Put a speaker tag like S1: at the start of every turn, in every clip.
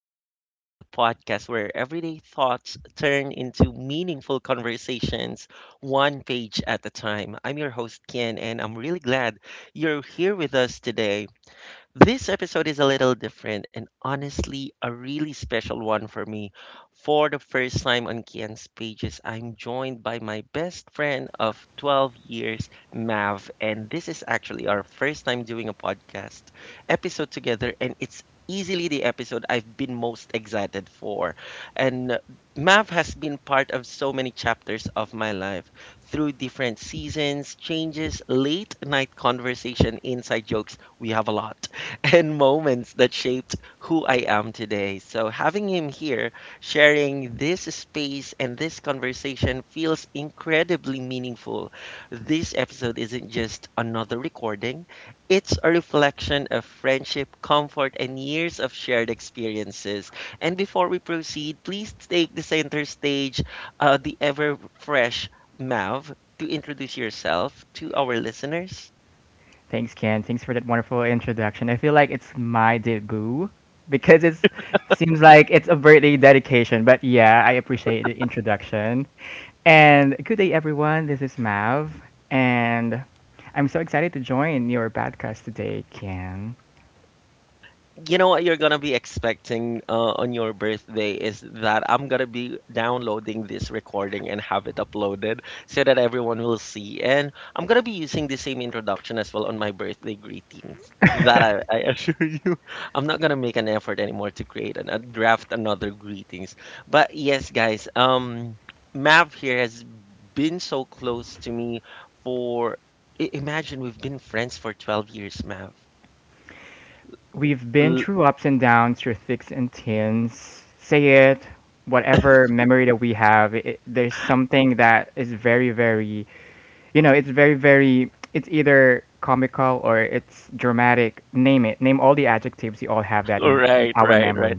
S1: Kian's Pages, the podcast where everyday thoughts turn into meaningful conversations, one page at a time. I'm your host, Kian, and I'm really glad you're here with us today. This episode is a little different and honestly a really special one for me. For the first time on Kian's pages, I'm joined by my best friend of 12 years, Mav, and this is actually our first time doing a podcast episode together and it's easily the episode I've been most excited for. And Mav has been part of so many chapters of my life through different seasons, changes, late night conversation, inside jokes. We have a lot. And moments that shaped who I am today. So, having him here sharing this space and this conversation feels incredibly meaningful. This episode isn't just another recording, it's a reflection of friendship, comfort, and years of shared experiences. And before we proceed, please take the center stage, the ever fresh Mav, to introduce yourself to our listeners.
S2: Thanks, Ken. Thanks for that wonderful introduction. I feel like it's my debut because it's, it seems like it's a birthday dedication. But yeah, I appreciate the introduction. And good day, everyone. This is Mav, and I'm so excited to join your podcast today, Ken.
S1: You know what you're gonna be expecting on your birthday is that I'm gonna be downloading this recording and have it uploaded so that everyone will see. And I'm gonna be using the same introduction as well on my birthday greetings. That I assure you, I'm not gonna make an effort anymore to create and draft another greetings. But yes, guys, Mav here has been so close to me for imagine we've been friends for 12 years, Mav.
S2: We've been
S1: L-
S2: through ups and downs, through thicks and thins. Say it, whatever memory that we have, there's something that is very, very it's very, very, it's either comical or it's dramatic. Name it. Name all the adjectives. You all have that in
S1: right,
S2: our
S1: right,
S2: memory.
S1: right.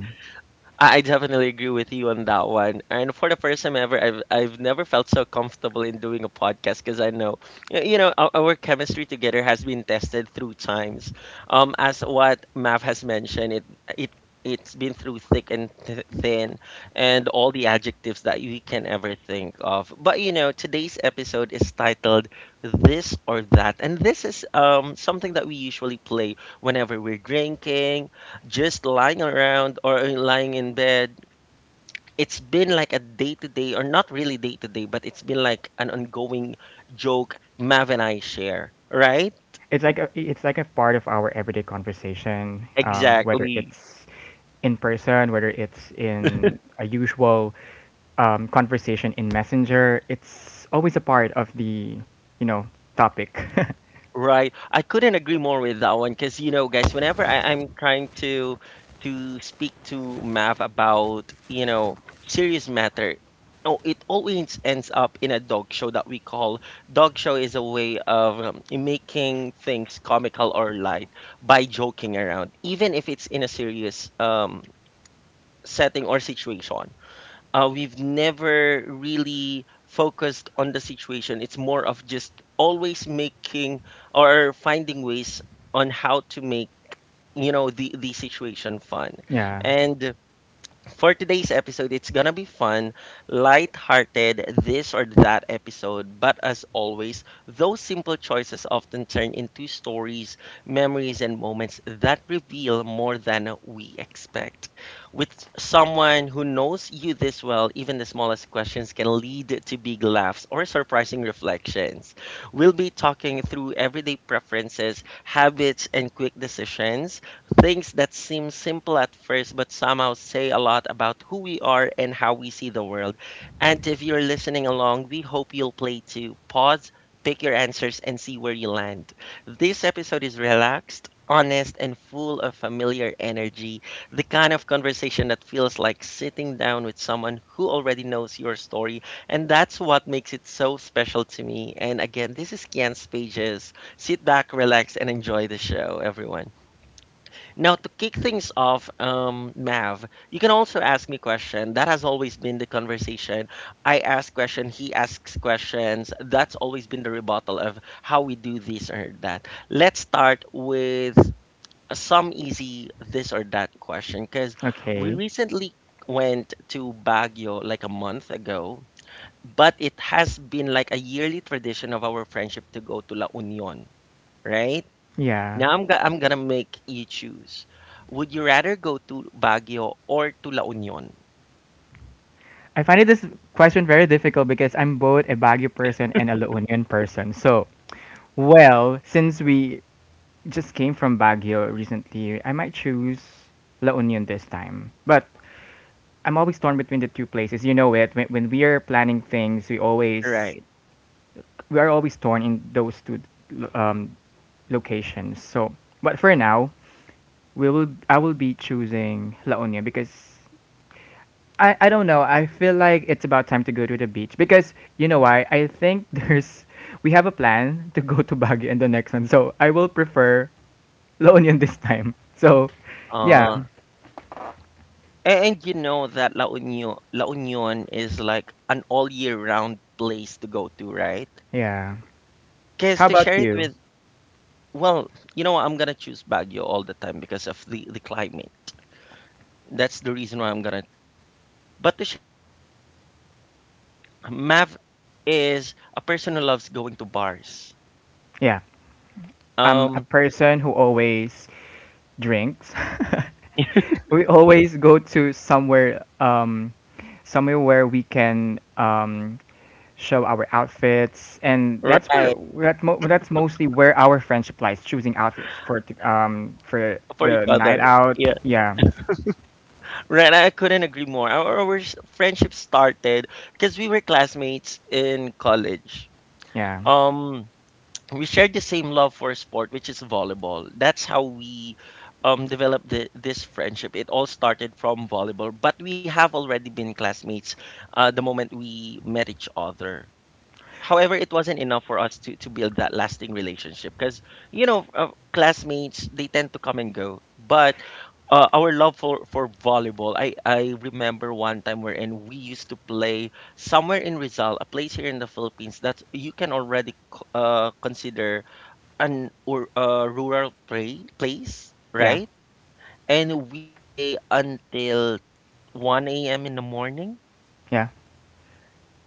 S1: I definitely agree with you on that one. And for the first time ever, I've never felt so comfortable in doing a podcast because I know, you know, our chemistry together has been tested through times. As what Mav has mentioned, it it's been through thick and thin, and all the adjectives that you can ever think of. But you know, today's episode is titled "This or That," and this is something that we usually play whenever we're drinking just lying around or lying in bed. It's been like a day to day, or not really day to day, but it's been like an ongoing joke Mav and I share, right?
S2: It's like a part of our everyday conversation, whether
S1: Exactly.
S2: it's in person, whether it's in a usual conversation in Messenger. It's always a part of the, you know, topic.
S1: Right. I couldn't agree more with that one because you know, guys, whenever I'm trying to speak to Mav about, you know, serious matter, oh, it always ends up in a dog show that we call. Dog show is a way of making things comical or light by joking around, even if it's in a serious setting or situation. We've never really focused on the situation. It's more of just always making or finding ways on how to make, you know, the situation fun.
S2: Yeah.
S1: And for today's episode, it's gonna be fun, light-hearted, this or that episode, but as always, those simple choices often turn into stories, memories, and moments that reveal more than we expect. With someone who knows you this well, even the smallest questions can lead to big laughs or surprising reflections. We'll be talking through everyday preferences, habits, and quick decisions. Things that seem simple at first, but somehow say a lot about who we are and how we see the world. And if you're listening along, we hope you'll play too. Pause, pick your answers, and see where you land. This episode is relaxed, honest, and full of familiar energy. The kind of conversation that feels like sitting down with someone who already knows your story. And that's what makes it so special to me. And again, this is Kian's Pages. Sit back, relax, and enjoy the show, everyone. Now, to kick things off, Mav, you can also ask me question. That has always been the conversation. I ask question, he asks questions. That's always been the rebuttal of how we do this or that. Let's start with some easy this or that question because we
S2: Okay.
S1: recently went to Baguio like a month ago, but it has been like a yearly tradition of our friendship to go to La Union, right?
S2: Yeah.
S1: Now I'm gonna make you choose. Would you rather go to Baguio or to La Union?
S2: I find it this question very difficult because I'm both a Baguio person and a La Union person. So, well, since we just came from Baguio recently, I might choose La Union this time. But I'm always torn between the two places. You know it. When we are planning things,
S1: Right.
S2: we are always torn in those two lo- um, locations. So, but for now, we will I will be choosing La Union because I don't know. I feel like it's about time to go to the beach because you know why? I think there's we have a plan to go to Baguio in the next one. So I will prefer La Union this time. So yeah,
S1: Uh, and, you know that La Union is like an all year round place to go to, right?
S2: yeah.
S1: Because
S2: How
S1: to
S2: about
S1: share it
S2: you?
S1: with, well, you know what, I'm gonna choose Baguio all the time because of the climate. That's the reason why I'm gonna pick Baguio. But to share it to the listeners, Mav is a person who loves going to bars.
S2: Yeah. I'm a
S1: Um,
S2: person who always drinks. We always go to somewhere somewhere where we can show our outfits, and that's where
S1: right
S2: that's mostly where our friendship lies, choosing outfits for for
S1: for each
S2: the night
S1: other.
S2: out.
S1: Yeah.
S2: Yeah.
S1: Right, I couldn't agree more. Our friendship started because we were classmates in college.
S2: yeah
S1: Um, we shared the same love for sport, which is volleyball. That's how we developed this friendship. It all started from volleyball, but we have already been classmates the moment we met each other. However, it wasn't enough for us to build that lasting relationship because you know, classmates they tend to come and go, but our love for, volleyball, I remember one time wherein we used to play somewhere in Rizal, a place here in the Philippines that you can already consider an or rural place,
S2: yeah
S1: right? And we play until 1 a.m. in the morning.
S2: yeah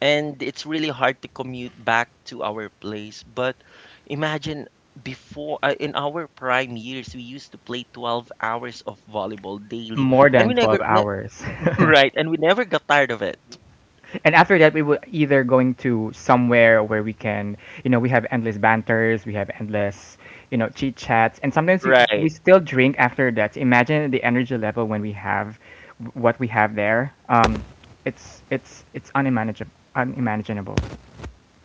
S1: And it's really hard to commute back to our place. But imagine, before in our prime years we used to play 12 hours of volleyball daily
S2: More
S1: and we
S2: than
S1: never
S2: 12
S1: ne-
S2: hours.
S1: right, and we never got tired of it.
S2: And after that we were either going to somewhere where we can, you know, we have endless banters, we have endless, you know, chit chats, and sometimes we
S1: Right.
S2: still drink after that. Imagine the energy level when we have what we have there. Um, it's unmanageable, unimaginable.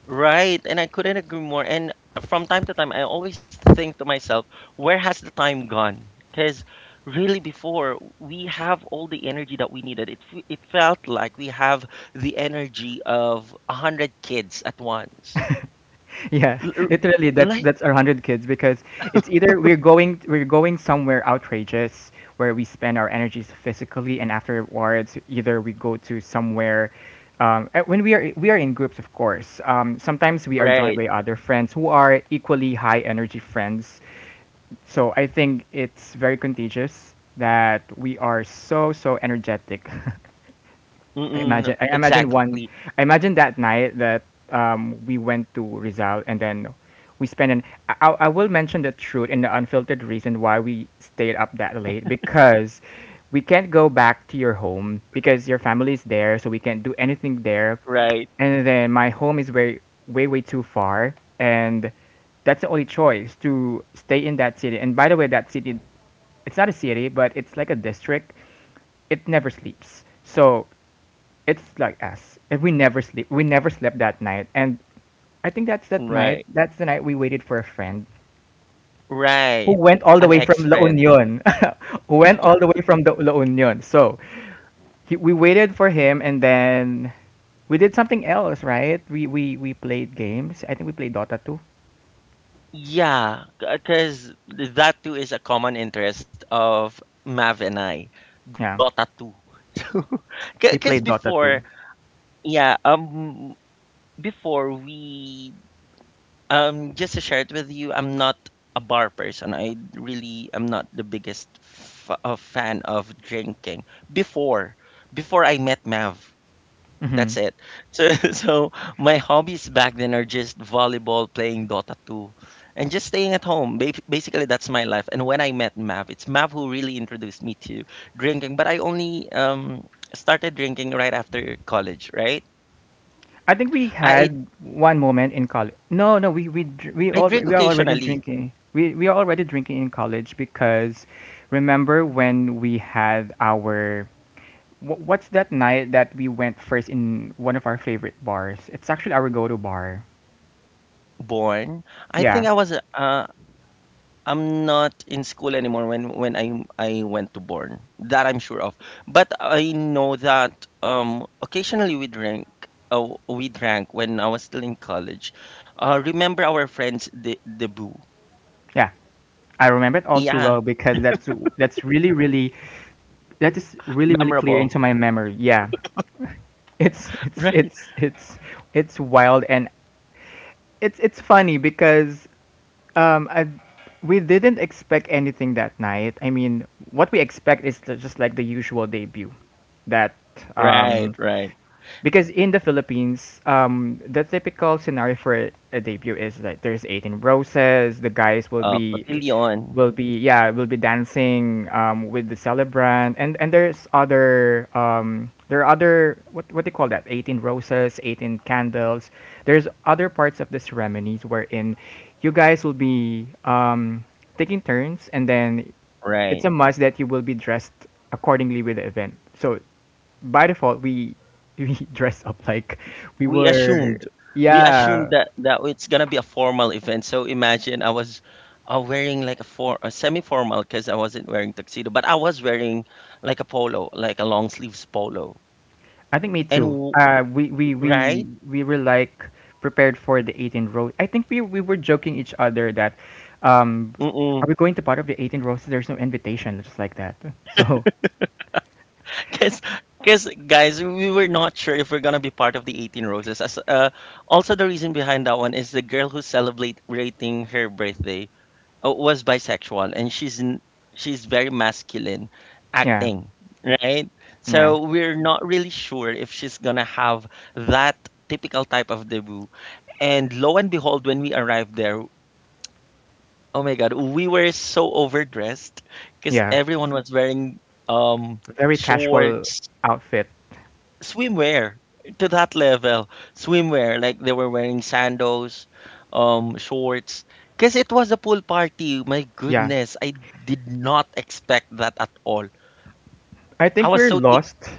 S1: Right, and I couldn't agree more. And from time to time, I always think to myself, where has the time gone? Because really, before we have all the energy that we needed. It felt like we have the energy of a hundred kids at once.
S2: Yeah,
S1: L- r-
S2: literally
S1: Like
S2: that's our 100 kids because it's either we're going somewhere outrageous where we spend our energies physically, and afterwards either we go to somewhere when we are in groups, of course. Sometimes we are joined
S1: right,
S2: by other friends who are equally high energy friends. So I think it's very contagious that we are so energetic. I
S1: mm-mm,
S2: imagine I imagine
S1: exactly,
S2: one I imagine that night that, we went to Rizal, and then we spent an I will mention the truth and the unfiltered reason why we stayed up that late, because we can't go back to your home because your family is there, so we can't do anything there.
S1: right,
S2: And then my home is way, way too far, and that's the only choice to stay in that city. And by the way, that city, it's not a city but it's like a district, it never sleeps, so it's like us. And we never sleep, we never slept that night. And I think that's that night.
S1: right,
S2: That's the night we waited for a friend who
S1: right.
S2: went all the
S1: An
S2: way from La
S1: ex-friend.
S2: Union, who went all the way from the La Union. So we waited for him, and then we did something else, right? We played games. I think we played Dota 2.
S1: Yeah, because that too is a common interest of Mav and I. Dota
S2: Yeah,
S1: 2. Because
S2: we played Dota
S1: before,
S2: 2.
S1: yeah, before we just to share it with you, I'm not a bar person. I really am not the biggest fan of drinking before, before I met Mav.
S2: Hmm.
S1: That's it. So so my hobbies back then are just volleyball, playing Dota 2, and just staying at home. Basically that's my life, and when I met Mav, it's Mav who really introduced me to drinking, but I only started drinking right after college, right?
S2: I think we
S1: I
S2: had one moment in college. No, no, we dr- We
S1: I
S2: all,
S1: drink
S2: we are already
S1: occasionally.
S2: drinking. We are already drinking in college because remember when we had our what's that night that we went first in one of our favorite bars? It's actually our go-to bar.
S1: Born, I think
S2: Yeah.
S1: I was I'm not in school anymore when I went to Born. That I'm sure of. But I know that occasionally we drink. Oh, we drank when I was still in college. Remember our friends the debut?
S2: Yeah. I remember it all too
S1: Yeah,
S2: well because that's really really that is really really clear
S1: memorable.
S2: into my memory. Yeah, it's it's it's it's it's wild, and it's funny because, um, I we didn't expect anything that night. I mean, what we expect is just like the usual debut that— Mm.
S1: Right,
S2: Um,
S1: right, right.
S2: because in the Philippines, the typical scenario for a debut is that there's 18 roses. The guys will be,
S1: Cotillion.
S2: will be dancing, with the celebrant, and there's other, there are other, what do you call that? 18 roses, 18 candles. There's other parts of the ceremonies wherein you guys will be, taking turns, and then
S1: Right.
S2: it's a must that you will be dressed accordingly with the event. So by default we we dress up like we
S1: we
S2: were—
S1: assumed we assumed
S2: Yeah.
S1: that it's gonna be a formal event, so imagine I was wearing like a for a semi-formal because I wasn't wearing tuxedo, but I was wearing like a polo, like a long sleeves polo.
S2: i think me
S1: and
S2: too
S1: w-
S2: uh we we we
S1: right.
S2: we were like prepared for the 18 row. I think we were joking each other that, um, are
S1: Mm-mm.
S2: we going to part of the 18 roses? There's no invitation, just like that. So
S1: Cause, cause guys, we were not sure if we're gonna be part of the 18 Roses. As, also, the reason behind that one is the girl who's celebrating her birthday. Was bisexual and she's very masculine
S2: yeah.
S1: acting, right?
S2: yeah
S1: So we're not really sure if she's gonna have that typical type of debut. And lo and behold, when we arrived there, oh my god, we were so overdressed because
S2: yeah
S1: everyone was wearing um
S2: Very casual
S1: shorts,
S2: outfit.
S1: swimwear, to that level. Swimwear, like they were wearing sandals, shorts, because it was a pool party. My
S2: Yeah,
S1: goodness, I did not expect that at all.
S2: I
S1: I
S2: think
S1: was
S2: we're
S1: so thick.
S2: lost.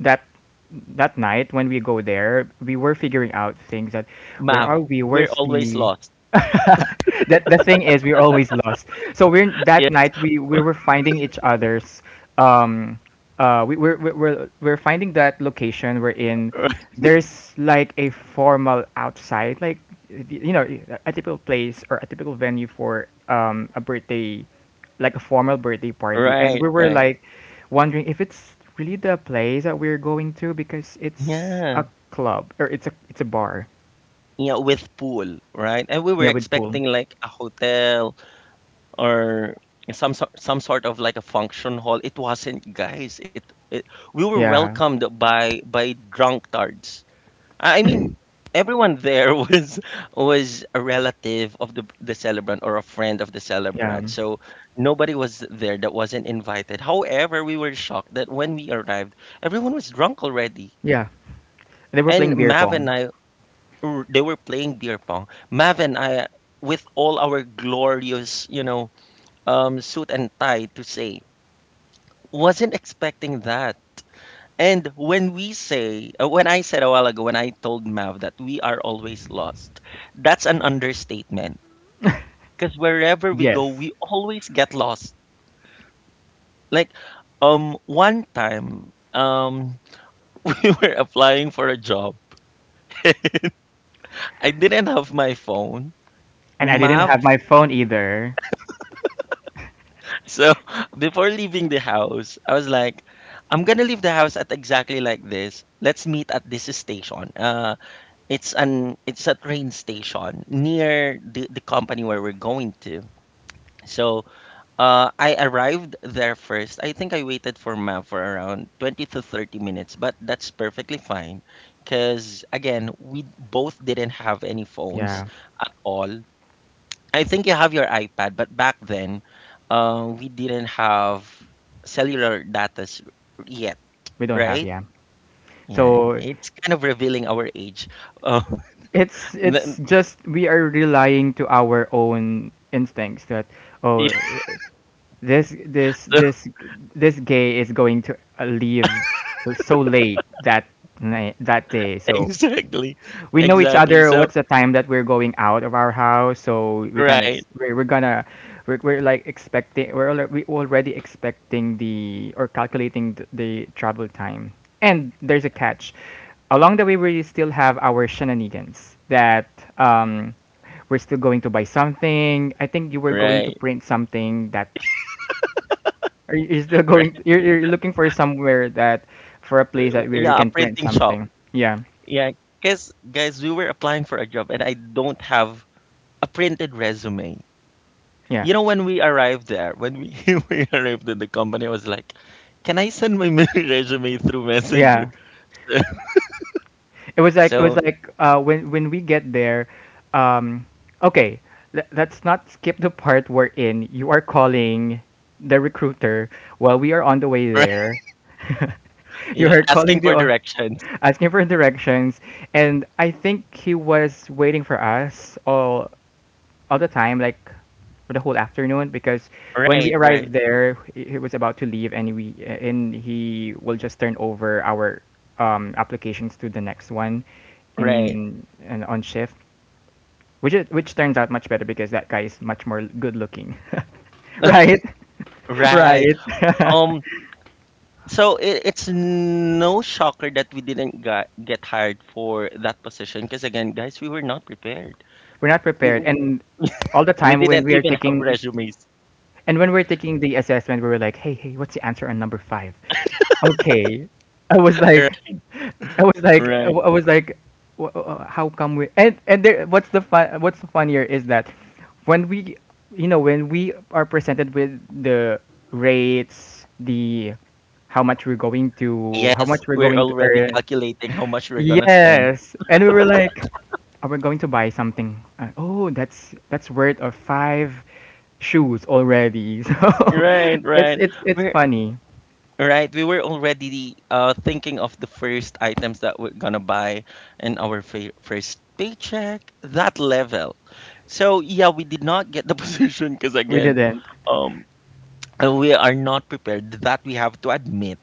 S2: That, that night when we go there we were figuring out things, that where
S1: Mav,
S2: are we,
S1: we're
S2: where's
S1: always
S2: the—
S1: lost.
S2: That, the thing is, we're always lost. So we're,
S1: Yeah.
S2: that night we we were finding each other's, um, we're finding that location we're in.
S1: Right,
S2: There's like a formal outside, like, y- you know, a typical place or a typical venue for, um, a birthday, like a formal birthday party, and
S1: right,
S2: we were
S1: right.
S2: like wondering if it's really the place that we're going to, because it's a
S1: Yeah.
S2: club or it's a bar.
S1: Yeah, with pool, right? And we were
S2: Yeah, with pool.
S1: expecting like a hotel or some sort of like a function hall. It wasn't, guys. It We were
S2: yeah
S1: welcomed by drunkards. I mean, everyone there was a relative of the celebrant or a friend of the
S2: yeah
S1: celebrant. So nobody was there that wasn't invited. However, we were shocked that when we arrived, everyone was drunk already.
S2: yeah. They were
S1: And
S2: playing beer
S1: Mav and
S2: pong.
S1: they were playing beer pong. Mav and I, with all our glorious, you know, suit and tie to say, wasn't expecting that. And when we say, when I said a while ago, when I told Mav that we are always lost, that's an understatement. Because wherever we go,
S2: Yes.
S1: we always get lost. Like, one time, we were applying for a job. I didn't have my phone.
S2: And I didn't
S1: Mav.
S2: have my phone either.
S1: So before leaving the house, I was like, I'm gonna leave the house at exactly like this. Let's meet at this station. It's a train station near the company where we're going to. So I arrived there first. I think I waited for Ma for around 20 to 30 minutes, but that's perfectly fine. Because again, we both didn't have any phones
S2: Yeah.
S1: at all. I think you have your iPad, but back then, we didn't have cellular data yet,
S2: We don't have,
S1: right?
S2: yeah.
S1: Yeah,
S2: So
S1: it's kind of revealing our age. Oh,
S2: it's
S1: n-
S2: it's just we are relying to our own instincts that,
S1: yeah,
S2: oh, this this
S1: so
S2: this this gay is going to, leave so late that night, that day, so
S1: exactly,
S2: we know each
S1: exactly.
S2: other
S1: So
S2: what's the time that we're going out of our house. So we kind of—
S1: right,
S2: we're, we're gonna we're like expecting, we're we already expecting the, or calculating the travel time. And there's a catch: along the way we still have our shenanigans that, um, we're still going to buy something. I think you were going to
S1: right,
S2: print something, that are you— you're still going,
S1: right.
S2: you're looking for somewhere that, for a place that where
S1: Yeah,
S2: you
S1: a
S2: can
S1: printing
S2: print
S1: shop.
S2: something. Yeah.
S1: Yeah, because guys, we were applying for a job, and I don't have a printed resume.
S2: yeah
S1: You know, when we arrived there, when we, we arrived at the company, I was like, "Can I send my resume through Messenger?"
S2: yeah It was like,
S1: So,
S2: when we get there, um, okay, let, let's not skip the part wherein you are calling the recruiter while we are
S1: right,
S2: on the way there.
S1: yeah,
S2: You
S1: asking
S2: are
S1: for
S2: calling the
S1: directions.
S2: asking for directions, and I think he was waiting for us all the time, like for the whole afternoon, because when we
S1: Right,
S2: arrived
S1: right,
S2: there, he was about to leave, and we and he will just turn over our, applications to the next one
S1: right,
S2: in and on shift, which is, which turns out much better because that guy is much more good looking, right?
S1: right.
S2: Right.
S1: Um, it's no shocker that we didn't got, get hired for that position because again, guys, we were not prepared.
S2: We're not prepared,
S1: N-
S2: and all the
S1: We
S2: time when
S1: didn't
S2: we are
S1: even have
S2: taking—
S1: resumes.
S2: and when we're taking the assessment, we were like, hey, hey, what's the answer on number five? Okay, I was like—
S1: Right, right.
S2: I was like, how come we? And there, what's the fun? What's the funnier is that when we, you know, when we are presented with the rates, the how much we're going to, how
S1: Yes,
S2: much we're
S1: we're
S2: going to
S1: already
S2: earn.
S1: calculating how much we're gonna spend.
S2: Yes, and we were like, are we going to buy something? Oh, that's worth of five shoes already. So
S1: Right, right.
S2: it's
S1: We're
S2: funny.
S1: Right, we were already thinking of the first items that we're gonna buy in our fa first paycheck, that level. So yeah, we did not get the position because
S2: We
S1: again,
S2: didn't.
S1: um, we are not prepared, that we have to admit.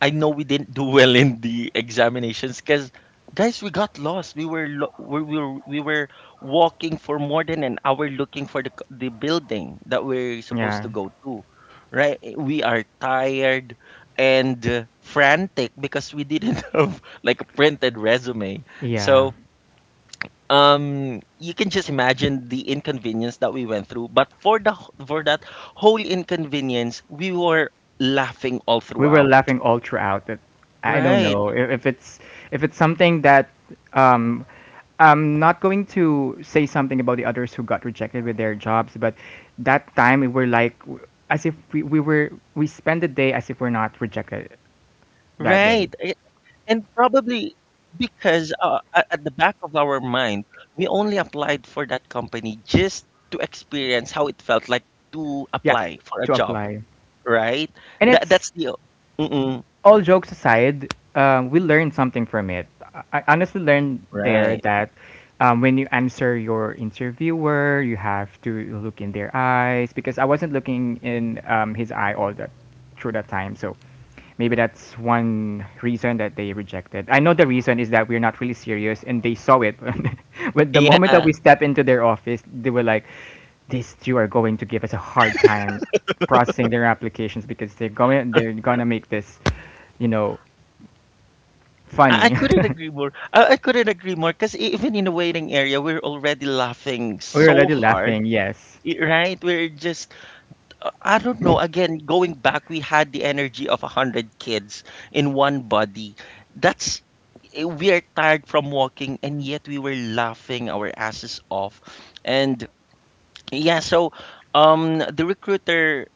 S1: I know we didn't do well in the examinations because, guys, we got lost. We were, lo- we we were we were walking for more than an hour looking for the, building that we're supposed
S2: Yeah.
S1: to go to, right? Eh, we are tired and frantic because we didn't have like a printed resume.
S2: Yeah.
S1: So you can just imagine the inconvenience that we went through, but for the for that whole inconvenience we were laughing all
S2: We were
S1: throughout.
S2: laughing all throughout it. I don't
S1: Right,
S2: know if it's, if it's something that, um, I'm not going to say something about the others who got rejected with their jobs, but that time we were like— as if we spent the day as if we're not rejected that day.
S1: right. Eh, and probably because at the back of our mind we only applied for that company just to experience how it felt like to
S2: Yeah,
S1: apply for a
S2: to
S1: job,
S2: apply,
S1: right?
S2: and
S1: that
S2: it's—
S1: that's the mm-mm,
S2: all jokes aside, we learned something from it. I honestly learned there
S1: right.
S2: that, when you answer your interviewer, you have to look in their eyes, because I wasn't looking in, his eye all that through that time. So maybe that's one reason that they rejected. I know the reason is that we're not really serious, and they saw it. When the moment that we
S1: Yeah,
S2: step into their office, they were like, "These two are going to give us a hard time processing their applications because they're gonna make this." You know,
S1: I
S2: funny.
S1: couldn't agree more. I couldn't agree more because even in the waiting area, we're already laughing
S2: We were
S1: so
S2: already
S1: hard.
S2: laughing. Yes.
S1: Right? We're just, I don't know. Again, going back, we had the energy of 100 kids in one body. That's eh, we are tired from walking, and yet we were laughing our asses off. And yeah, so the recruiter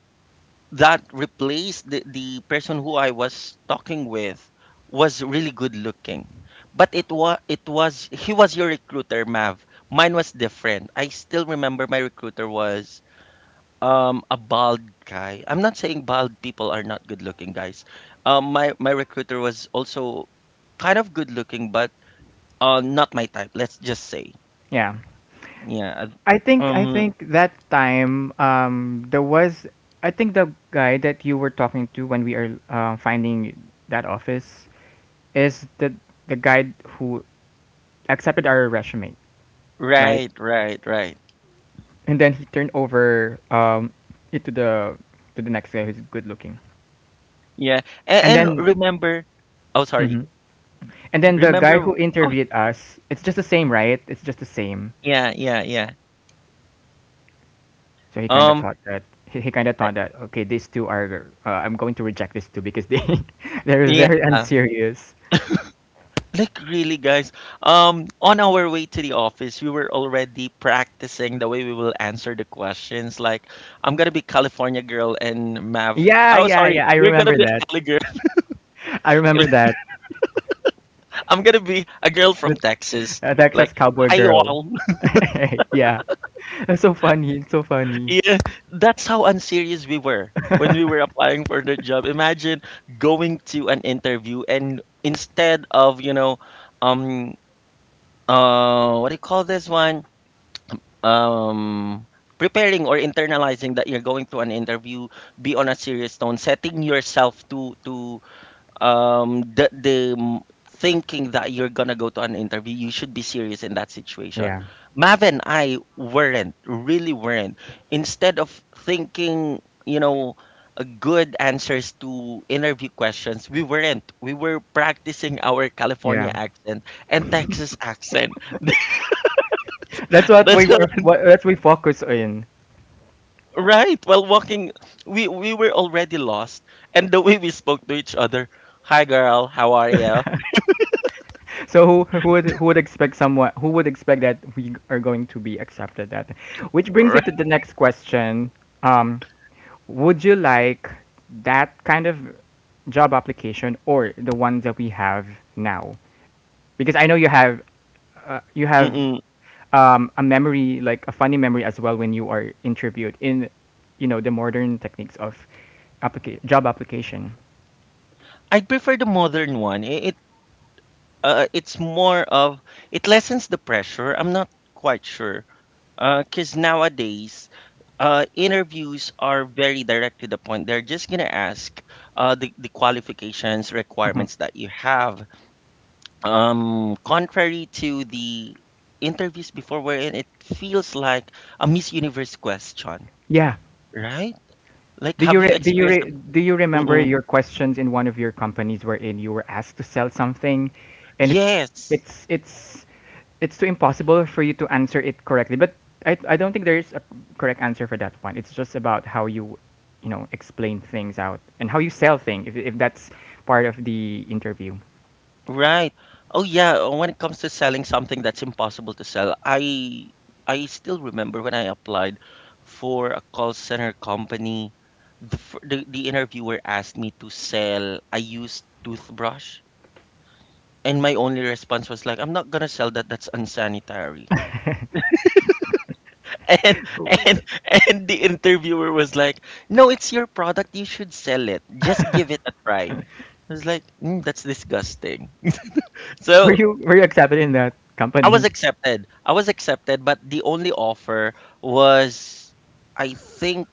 S1: that replaced the person who I was talking with was really good looking. But it was he was your recruiter, Mav. Mine was different. I still remember my recruiter was a bald guy. I'm not saying bald people are not good looking guys. Um, my recruiter was also kind of good looking, but not my type, let's just say.
S2: Yeah.
S1: Yeah.
S2: I
S1: uh,
S2: think I
S1: Um
S2: think that time there was. I think the guy that you were talking to when we are finding that office is the guy who accepted our resume, right?
S1: right, right, right.
S2: And then he turned over it to the next guy who's good looking.
S1: Yeah.
S2: And
S1: And
S2: then
S1: remember, oh sorry.
S2: mhm. And then the guy
S1: Remember,
S2: who
S1: oh,
S2: interviewed us, it's just the same, right? It's just the same.
S1: yeah, yeah, yeah.
S2: So he kind of
S1: Um,
S2: thought that he kind of thought that okay, these two are I'm going to reject these two because they they're
S1: yeah.
S2: very unserious.
S1: Like really, guys, on our way to the office, we were already practicing the way we will answer the questions. Like, I'm gonna be California girl and Mav.
S2: Yeah,
S1: Oh
S2: yeah,
S1: sorry,
S2: yeah. I
S1: you're gonna
S2: remember
S1: be a
S2: that.
S1: Cali girl.
S2: I remember that
S1: I'm gonna be a girl from
S2: the
S1: Texas. Like,
S2: Texas Cowboy
S1: hi
S2: Girl.
S1: all.
S2: Yeah, that's so funny. It's so funny.
S1: Yeah, that's how unserious we were when we were applying for the job. Imagine going to an interview and instead of um, what do you call this one? Um, preparing or internalizing that you're going to an interview. Be on a serious tone, setting yourself to um the the m- thinking that you're gonna go to an interview. You should be serious in that situation.
S2: Yeah,
S1: Mav and I weren't, really weren't. Instead of thinking, you know, good answers to interview questions. We weren't. We were practicing our California
S2: yeah.
S1: accent and Texas accent.
S2: That's what
S1: That's
S2: we were. What, that's we focus on.
S1: Right. While walking, we were already lost, and the way we spoke to each other, "Hi, girl. How are you?"
S2: So who would expect someone who would expect that we are going to be accepted that? Which brings me to
S1: Right.
S2: the next question. Um, would you like that kind of job application or the ones that we have now? Because I know you have uh, you have
S1: Mm-mm.
S2: a memory, like a funny memory as well, when you are interviewed in you know the modern techniques of applica- job application.
S1: I prefer the modern one. It it's more of, it lessens the pressure. I'm not quite sure. 'Cause nowadays, interviews are very direct to the point. They're just gonna ask the qualifications,
S2: Mhm.
S1: requirements that you have, contrary to the interviews before, we're in, it feels like a Miss Universe question,
S2: Yeah.
S1: right? Like,
S2: Do you
S1: have you
S2: re- do you
S1: experienced that?
S2: re- do you remember
S1: Mm-mm.
S2: your questions in one of your companies wherein you were asked to sell something, and
S1: Yes.
S2: it's it's it's too impossible for you to answer it correctly. But I don't think there is a correct answer for that one. It's just about how you you know explain things out and how you sell things, if that's part of the interview.
S1: Right. Oh yeah, when it comes to selling something that's impossible to sell, I still remember when I applied for a call center company, the the interviewer asked me to sell a used toothbrush, and my only response was like, I'm not gonna sell that, that's unsanitary. And and and the interviewer was like, "No, it's your product. You should sell it. Just give it a try." I was like, mm, "That's disgusting."
S2: were
S1: So
S2: you were you accepted in that
S1: I was
S2: company?
S1: accepted. I was accepted, but the only offer was, I think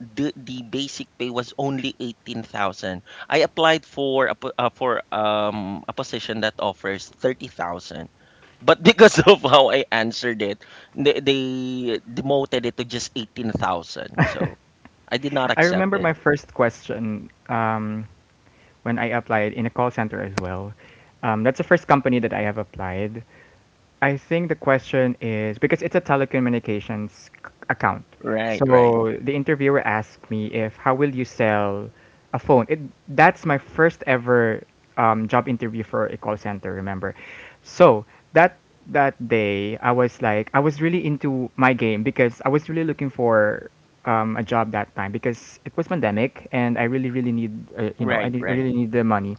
S1: the basic pay was only 18,000. I applied for a po- for a position that offers 30,000. But because of how I answered it, they demoted it to just 18,000. So I did not
S2: I
S1: accept
S2: remember
S1: it.
S2: my first question when I applied in a call center as well. That's the first company that I have applied. I think the question is because it's a telecommunications c- account.
S1: Right, right.
S2: So the interviewer asked me if how will you sell a phone? It that's my first ever job interview for a call center. Remember, so that that day I was like I was really into my game because I was really looking for a job that time because it was pandemic and I really really need I
S1: Right,
S2: need,
S1: right.
S2: really need the money.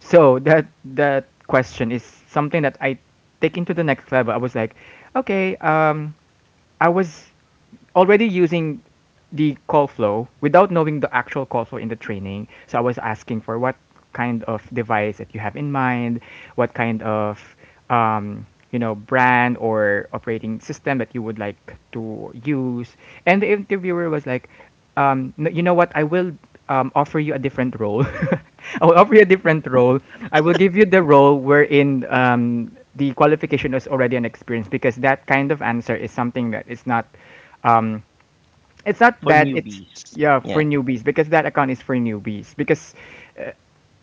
S2: So that that question is something that I taken to the next level. I was like, okay, I was already using the call flow without knowing the actual call flow in the training. So I was asking for what kind of device that you have in mind, what kind of um, brand or operating system that you would like to use. And the interviewer was like, "No- you know what, I will offer you a different role. I will offer you a different role. I will give you the role wherein the qualification is already an experience, because that kind of answer is something that is not um it's not
S1: For
S2: that it's
S1: newbies.
S2: yeah for
S1: Yeah.
S2: newbies, because that account is for newbies because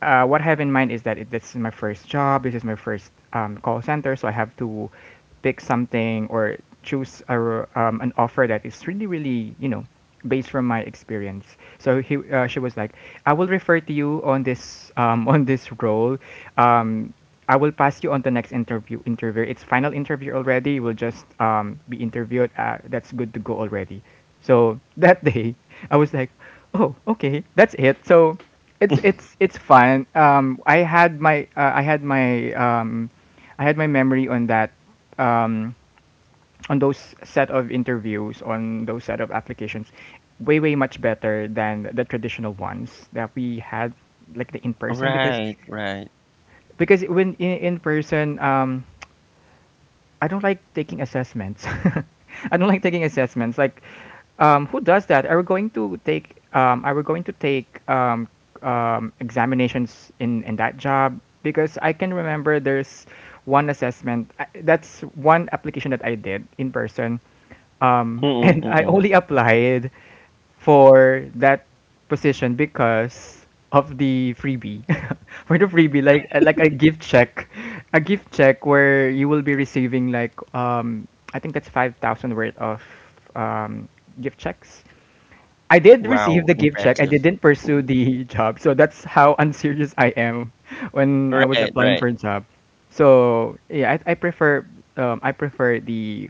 S2: what I have in mind is that it, this is my first job, this is my first call center, so I have to pick something or choose a, r- an offer that is really, really, you know, based from my experience. So he, she was like, I will refer to you on this on this role. Um, I will pass you on the next interview. Interview. It's final interview already. You will just be interviewed. That's good to go already. So that day, I was like, oh, okay. That's it. So it's fun. I had my I had my memory on that um, on those set of interviews, on those set of applications way way much better than the traditional ones that we had, like the in person,
S1: Right, right.
S2: because when in person I don't like taking assessments. I don't like taking assessments. Like, who does that? Are we going to take? Are we going to take examinations in that job? Because I can remember there's one assessment. I- That's one application that I did in person, and I
S1: Mm-mm-mm.
S2: only applied for that position because of the freebie for the freebie, like a gift check, a gift check where you will be receiving like I think that's 5000 worth of um gift checks. I did receive
S1: Wow,
S2: the gift check. I
S1: impressive.
S2: didn't pursue the job, so that's how unserious I am when I was
S1: Right,
S2: applying
S1: right.
S2: for a job. So yeah I prefer I prefer the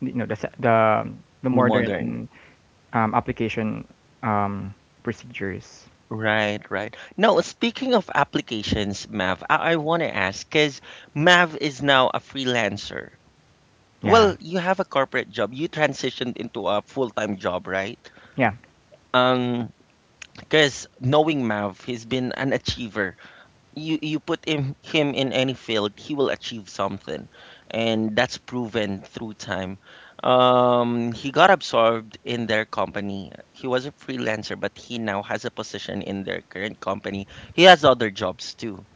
S2: the the
S1: In the modern.
S2: modern application um, procedures.
S1: Right, right. Now, speaking of applications, Mav, I want to ask because Mav is now a freelancer.
S2: Yeah,
S1: Well, you have a corporate job. You transitioned into a full-time job, right?
S2: yeah,
S1: Um, because knowing Mav, he's been an achiever. You put him in any field, he will achieve something, and that's proven through time. He got absorbed in their company. He was a freelancer, but he now has a position in their current company. He has other jobs too.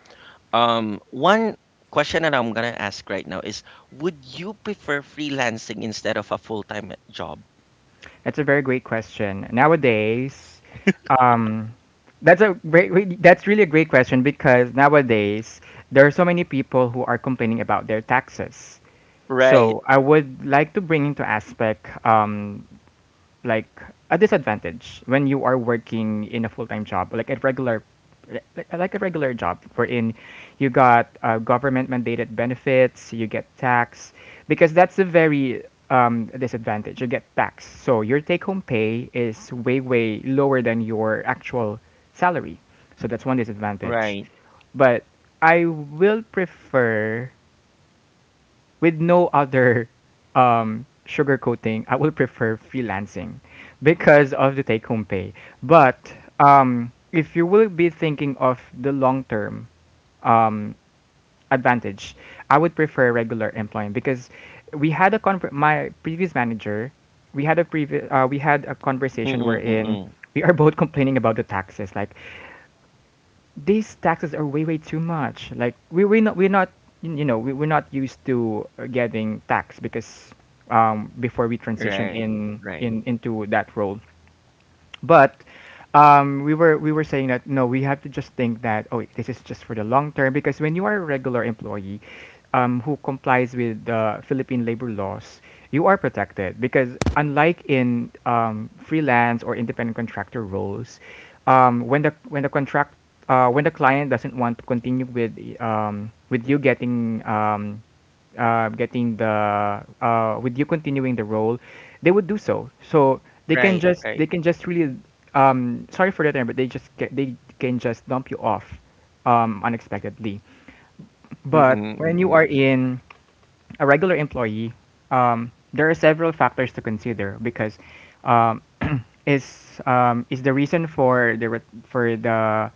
S1: One question that I'm gonna ask right now is, would you prefer freelancing instead of a full-time job?
S2: that's a very great question. Nowadays, um, that's a great, really- that's really a great question, because nowadays there are so many people who are complaining about their taxes.
S1: Right,
S2: So I would like to bring into aspect like a disadvantage when you are working in a full-time job, like a regular like a regular job wherein you got government mandated benefits, you get tax, because that's a very disadvantage, you get tax, so your take-home pay is way way lower than your actual salary, so that's one disadvantage.
S1: right.
S2: But I will prefer with no other sugarcoating, I would prefer freelancing because of the take home pay. But if you will be thinking of the long term um, advantage, I would prefer regular employment, because we had a con- my previous manager, we had a previ- we had a conversation
S1: Mm-mm,
S2: wherein
S1: mm-mm.
S2: we are both complaining about the taxes. Like these taxes are way way too much, like we're not we're not used to getting taxed, because before we transition
S1: Right, right,
S2: in into that role. But we were saying that no, we have to just think that oh, this is just for the long term, because when you are a regular employee who complies with the Philippine labor laws, you are protected, because unlike in freelance or independent contractor roles, when the contract when the client doesn't want to continue with you getting getting the with you continuing the role, they would do so. So they can
S1: right,
S2: just they
S1: right.
S2: can just really sorry for the term, but they just ca- they can just dump you off unexpectedly. But
S1: Mm-mm,
S2: when you are
S1: mm-mm.
S2: in a regular employee, there are several factors to consider, because um, is the reason for the re-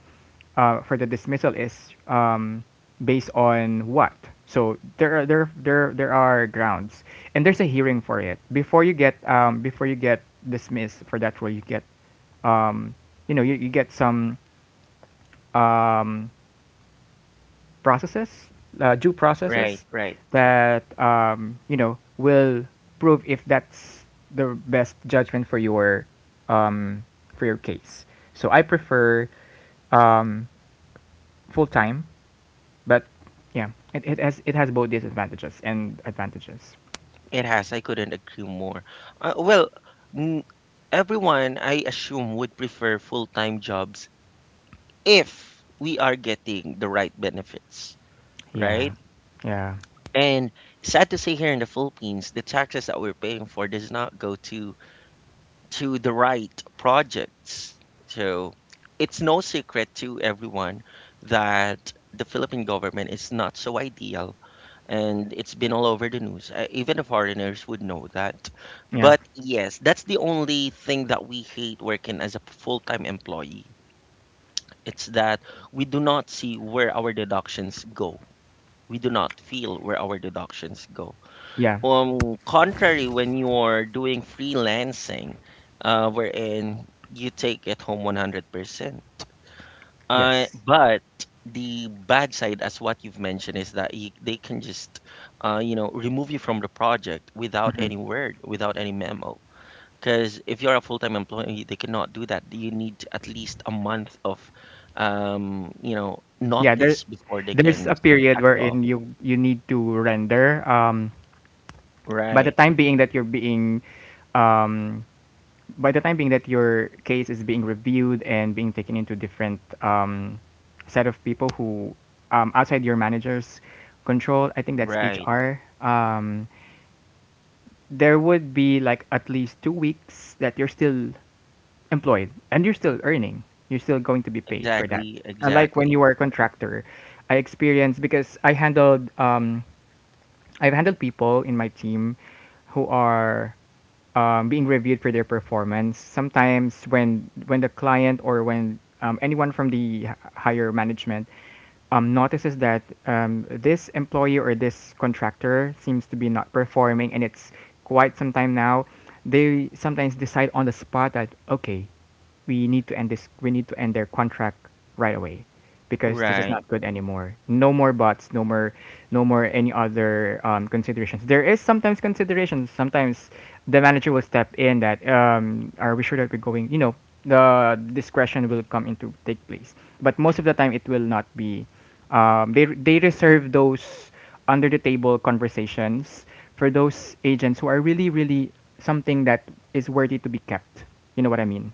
S2: for the dismissal is based on what? So there are there there there are grounds, and there's a hearing for it. Before you get dismissed for that role, you get um, you get some um, processes, due
S1: Right,
S2: processes
S1: right.
S2: that will prove if that's the best judgment um, for your case. So I prefer um, full time, but yeah, it has both disadvantages and advantages.
S1: It has. I couldn't agree more. Well, n- everyone, I assume, would prefer full time jobs if we are getting the right benefits,
S2: Yeah,
S1: right?
S2: yeah,
S1: And sad to say, here in the Philippines, the taxes that we're paying for does not go to the right projects. So it's no secret to everyone that the Philippine government is not so ideal, and it's been all over the news. Even the foreigners would know that.
S2: yeah,
S1: But yes, that's the only thing that we hate working as a full-time employee. It's that we do not see where our deductions go. We do not feel where our deductions go.
S2: yeah,
S1: Contrary when you're doing freelancing, wherein you take it home 100%.
S2: yes,
S1: But the bad side, as what you've mentioned, is that they can just, you know, remove you from the project without any word, without any memo. Because if you're a full-time employee, they cannot do that. You need at least a month of, you know,
S2: yeah. There,
S1: notice before they
S2: there's
S1: can
S2: a period
S1: sack you off.
S2: wherein you need to render. By the
S1: Right,
S2: time being that you're being um, by the time being that your case is being reviewed and being taken into different set of people who outside your manager's control, I think that's
S1: right,
S2: HR. There would be like at least 2 weeks that you're still employed and you're still earning. You're still going to be paid for that.
S1: exactly,
S2: Unlike when
S1: exactly.
S2: you are a contractor, I experienced because I handled I've handled people in my team who are being reviewed for their performance. Sometimes when the client or when anyone from the h- higher management notices that this employee or this contractor seems to be not performing and it's quite some time now, they sometimes decide on the spot that okay, we need to end their contract right away, because this is
S1: Right,
S2: not good anymore, no more bots, no more no more any other considerations. There is sometimes considerations. Sometimes the manager will step in that are we sure that we're going the discretion will come into take place, but most of the time it will not be they reserve those under the table conversations for those agents who are really really something that is worthy to be kept, you know what I mean.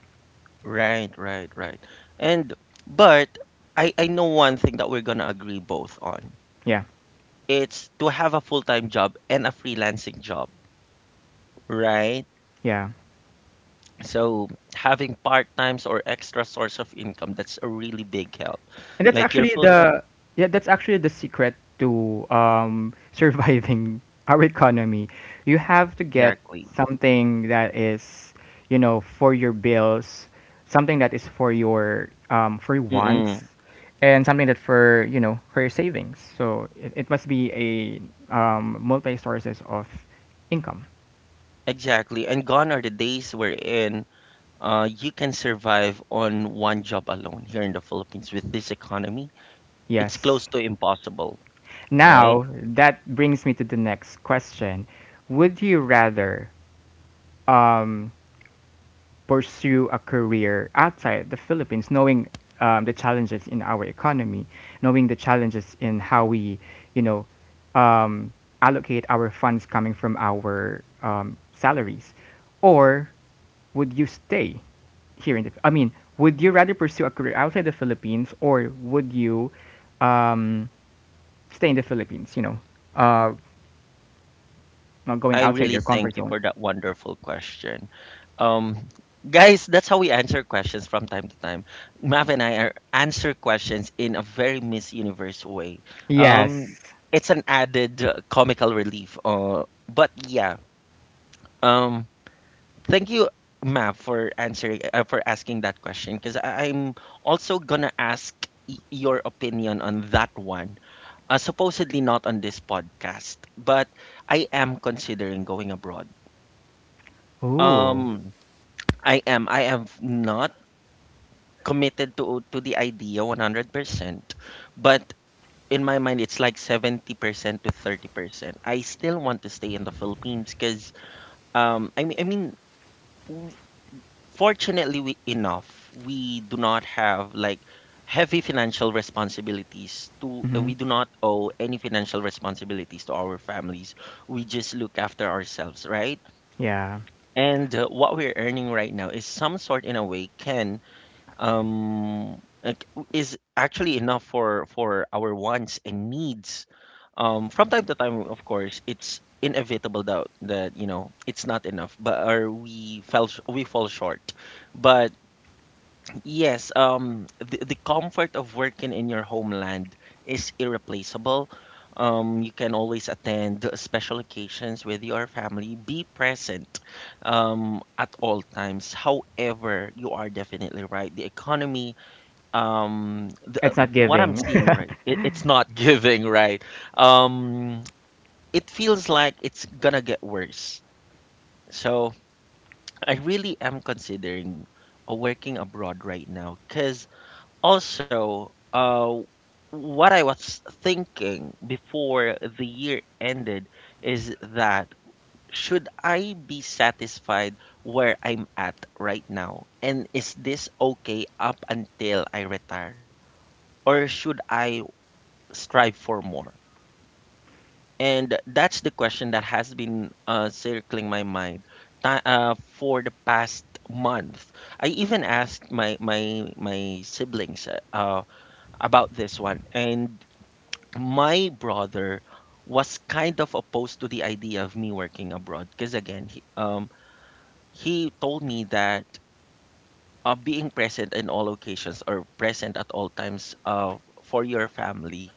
S1: right, right, right. And but I know one thing that we're gonna agree both on.
S2: Yeah,
S1: It's to have a full-time job and a freelancing job, right?
S2: yeah,
S1: So having part-times or extra source of income, that's a really big help.
S2: and that's
S1: Like your
S2: actually
S1: full-time,
S2: the yeah that's actually the secret to surviving our economy. You have to get
S1: exactly.
S2: something that is for your bills, something that is for your wants,
S1: Mm-mm.
S2: and something that for for your savings. So it must be a multi sources of income.
S1: Exactly. And gone are the days wherein you can survive on one job alone here in the Philippines with this economy. It's
S2: Yes.
S1: close to impossible, right?
S2: Now, that brings me to the next question. Would you rather um, pursue a career outside the Philippines, knowing the challenges in our economy, knowing the challenges in how we, you know, um, allocate our funds coming from our salaries, or would you stay here in the? I mean, would you rather pursue a career outside the Philippines, or would you um, stay in the Philippines? Uh, Not going
S1: I
S2: outside
S1: really
S2: your comfort
S1: thank you
S2: zone.
S1: for that wonderful question. Um, guys, that's how we answer questions from time to time. Mav and I are answer questions in a very Miss Universe way. Um,
S2: Yes.
S1: it's an added comical relief. But yeah, um, thank you, Mav, for answering for asking that question because I'm also gonna ask your opinion on that one. Supposedly not on this podcast, but I am considering going abroad.
S2: Ooh.
S1: Um, I am. I have not committed to the idea 100%, but in my mind it's like 70% to 30%. I still want to stay in the Philippines because um I mean I mean w- fortunately we do not have like heavy financial responsibilities to
S2: Hmm.
S1: we do not owe any financial responsibilities to our families. We just look after ourselves, right?
S2: Yeah.
S1: And what we're earning right now is some sort in a way can um like, is actually enough for our wants and needs. From time to time, of course, it's inevitable doubt that you know it's not enough, but or we fall short. But yes, the comfort of working in your homeland is irreplaceable. You can always attend special occasions with your family, be present at all times. However, you are definitely right, the economy, um the, uh,
S2: It's not
S1: what I'm
S2: giving.
S1: seeing right it's not giving, right? um it feels like it's gonna get worse. So I really am considering working abroad right now, because also what I was thinking before the year ended is that should I be satisfied where I'm at right now, and is this okay up until I retire, or should I strive for more? And that's the question that has been circling my mind for the past month. I even asked my siblings about this one, and my brother was kind of opposed to the idea of me working abroad because again, he told me that being present in all occasions or present at all times for your family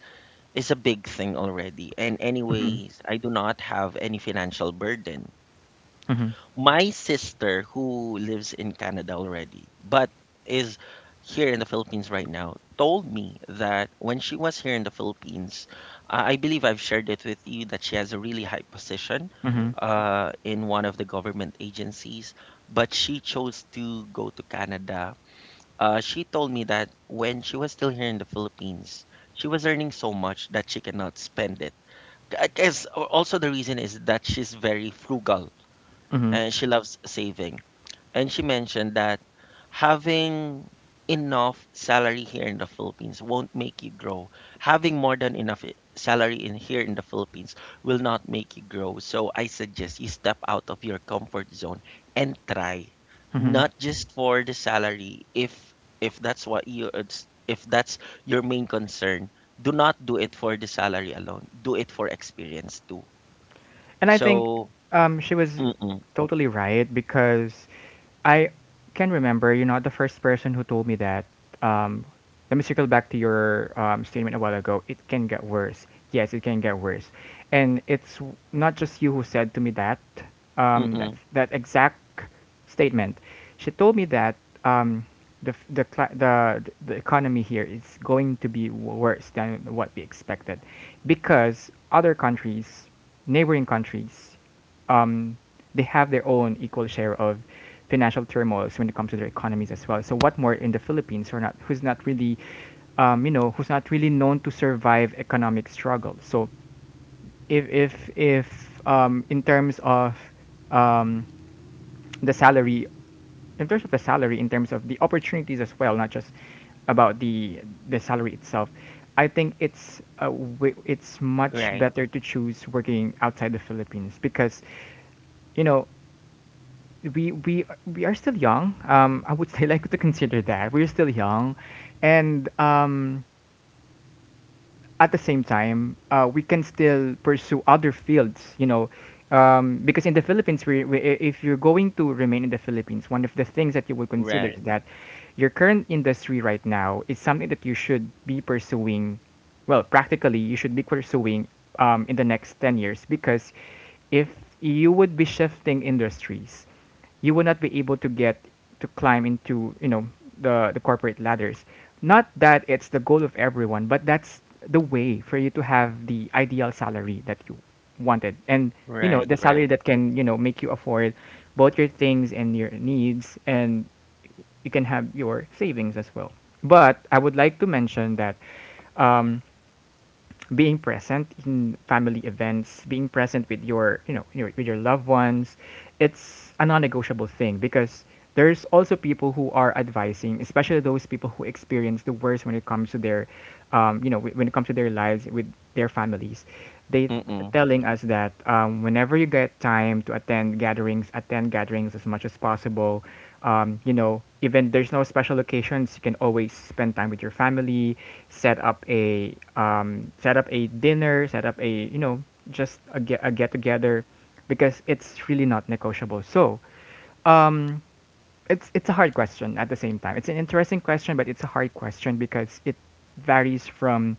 S1: is a big thing already. And anyways, I do not have any financial burden.
S2: Hmm.
S1: My sister, who lives in Canada already but is here in the Philippines right now, told me that when she was here in the Philippines, I believe I've shared it with you that she has a really high position
S2: Hmm.
S1: in one of the government agencies, but she chose to go to Canada. She told me that when she was still here in the Philippines, she was earning so much that she cannot spend it. Also, the reason is that she's very frugal
S2: Hmm.
S1: and she loves saving. And she mentioned that having enough salary here in the Philippines won't make you grow. Having more than enough salary in here in the Philippines will not make you grow. So I suggest you step out of your comfort zone and try,
S2: Hmm.
S1: not just for the salary. If that's if that's your main concern, do not do it for the salary alone. Do it for experience too.
S2: And I think
S1: So,
S2: she was
S1: mm-mm,
S2: totally right because I can remember you're not the first person who told me that. Um, Let me circle back to your statement a while ago. It can get worse. Yes, it can get worse. And not just you who said to me that. That
S1: mm-mm,
S2: that exact statement. She told me that um, the, f- the, cli- the economy here is going to be worse than what we expected because other countries, neighboring countries, um, they have their own equal share of financial turmoils when it comes to their economies as well. So what more in the Philippines, who's not really, who's not really known to survive economic struggle. So if in terms of um, the salary the salary in terms of the opportunities as well, not just about the salary itself, I think it's much
S1: right,
S2: better to choose working outside the Philippines because you know we we we are still young. I would say, like, to consider that we're still young. And at the same time, we can still pursue other fields, you know, because in the Philippines, if you're going to remain in the Philippines, one of the things that you will consider
S1: right,
S2: is that your current industry right now is something that you should be pursuing, well, practically, you should be pursuing in the next 10 years. Because if you would be shifting industries, you will not be able to get to climb into, you know, the corporate ladders, not that it's the goal of everyone, but that's the way for you to have the ideal salary that you wanted, and you know,
S1: right,
S2: the salary
S1: right.
S2: that can, you know, make you afford both your things and your needs, and you can have your savings as well. But I would like to mention that um, being present in family events, being present with your, you know, your, with your loved ones, it's a non-negotiable thing, because there's also people who are advising, especially those people who experience the worst when it comes to their, when it comes to their lives with their families. They
S1: Mm-mm.
S2: telling us that whenever you get time to attend gatherings as much as possible. Even there's no special occasions, you can always spend time with your family, set up a dinner, set up a, you know, just a get together, because it's really not negotiable. So, um, it's a hard question. At the same time, it's an interesting question, but it's a hard question because varies from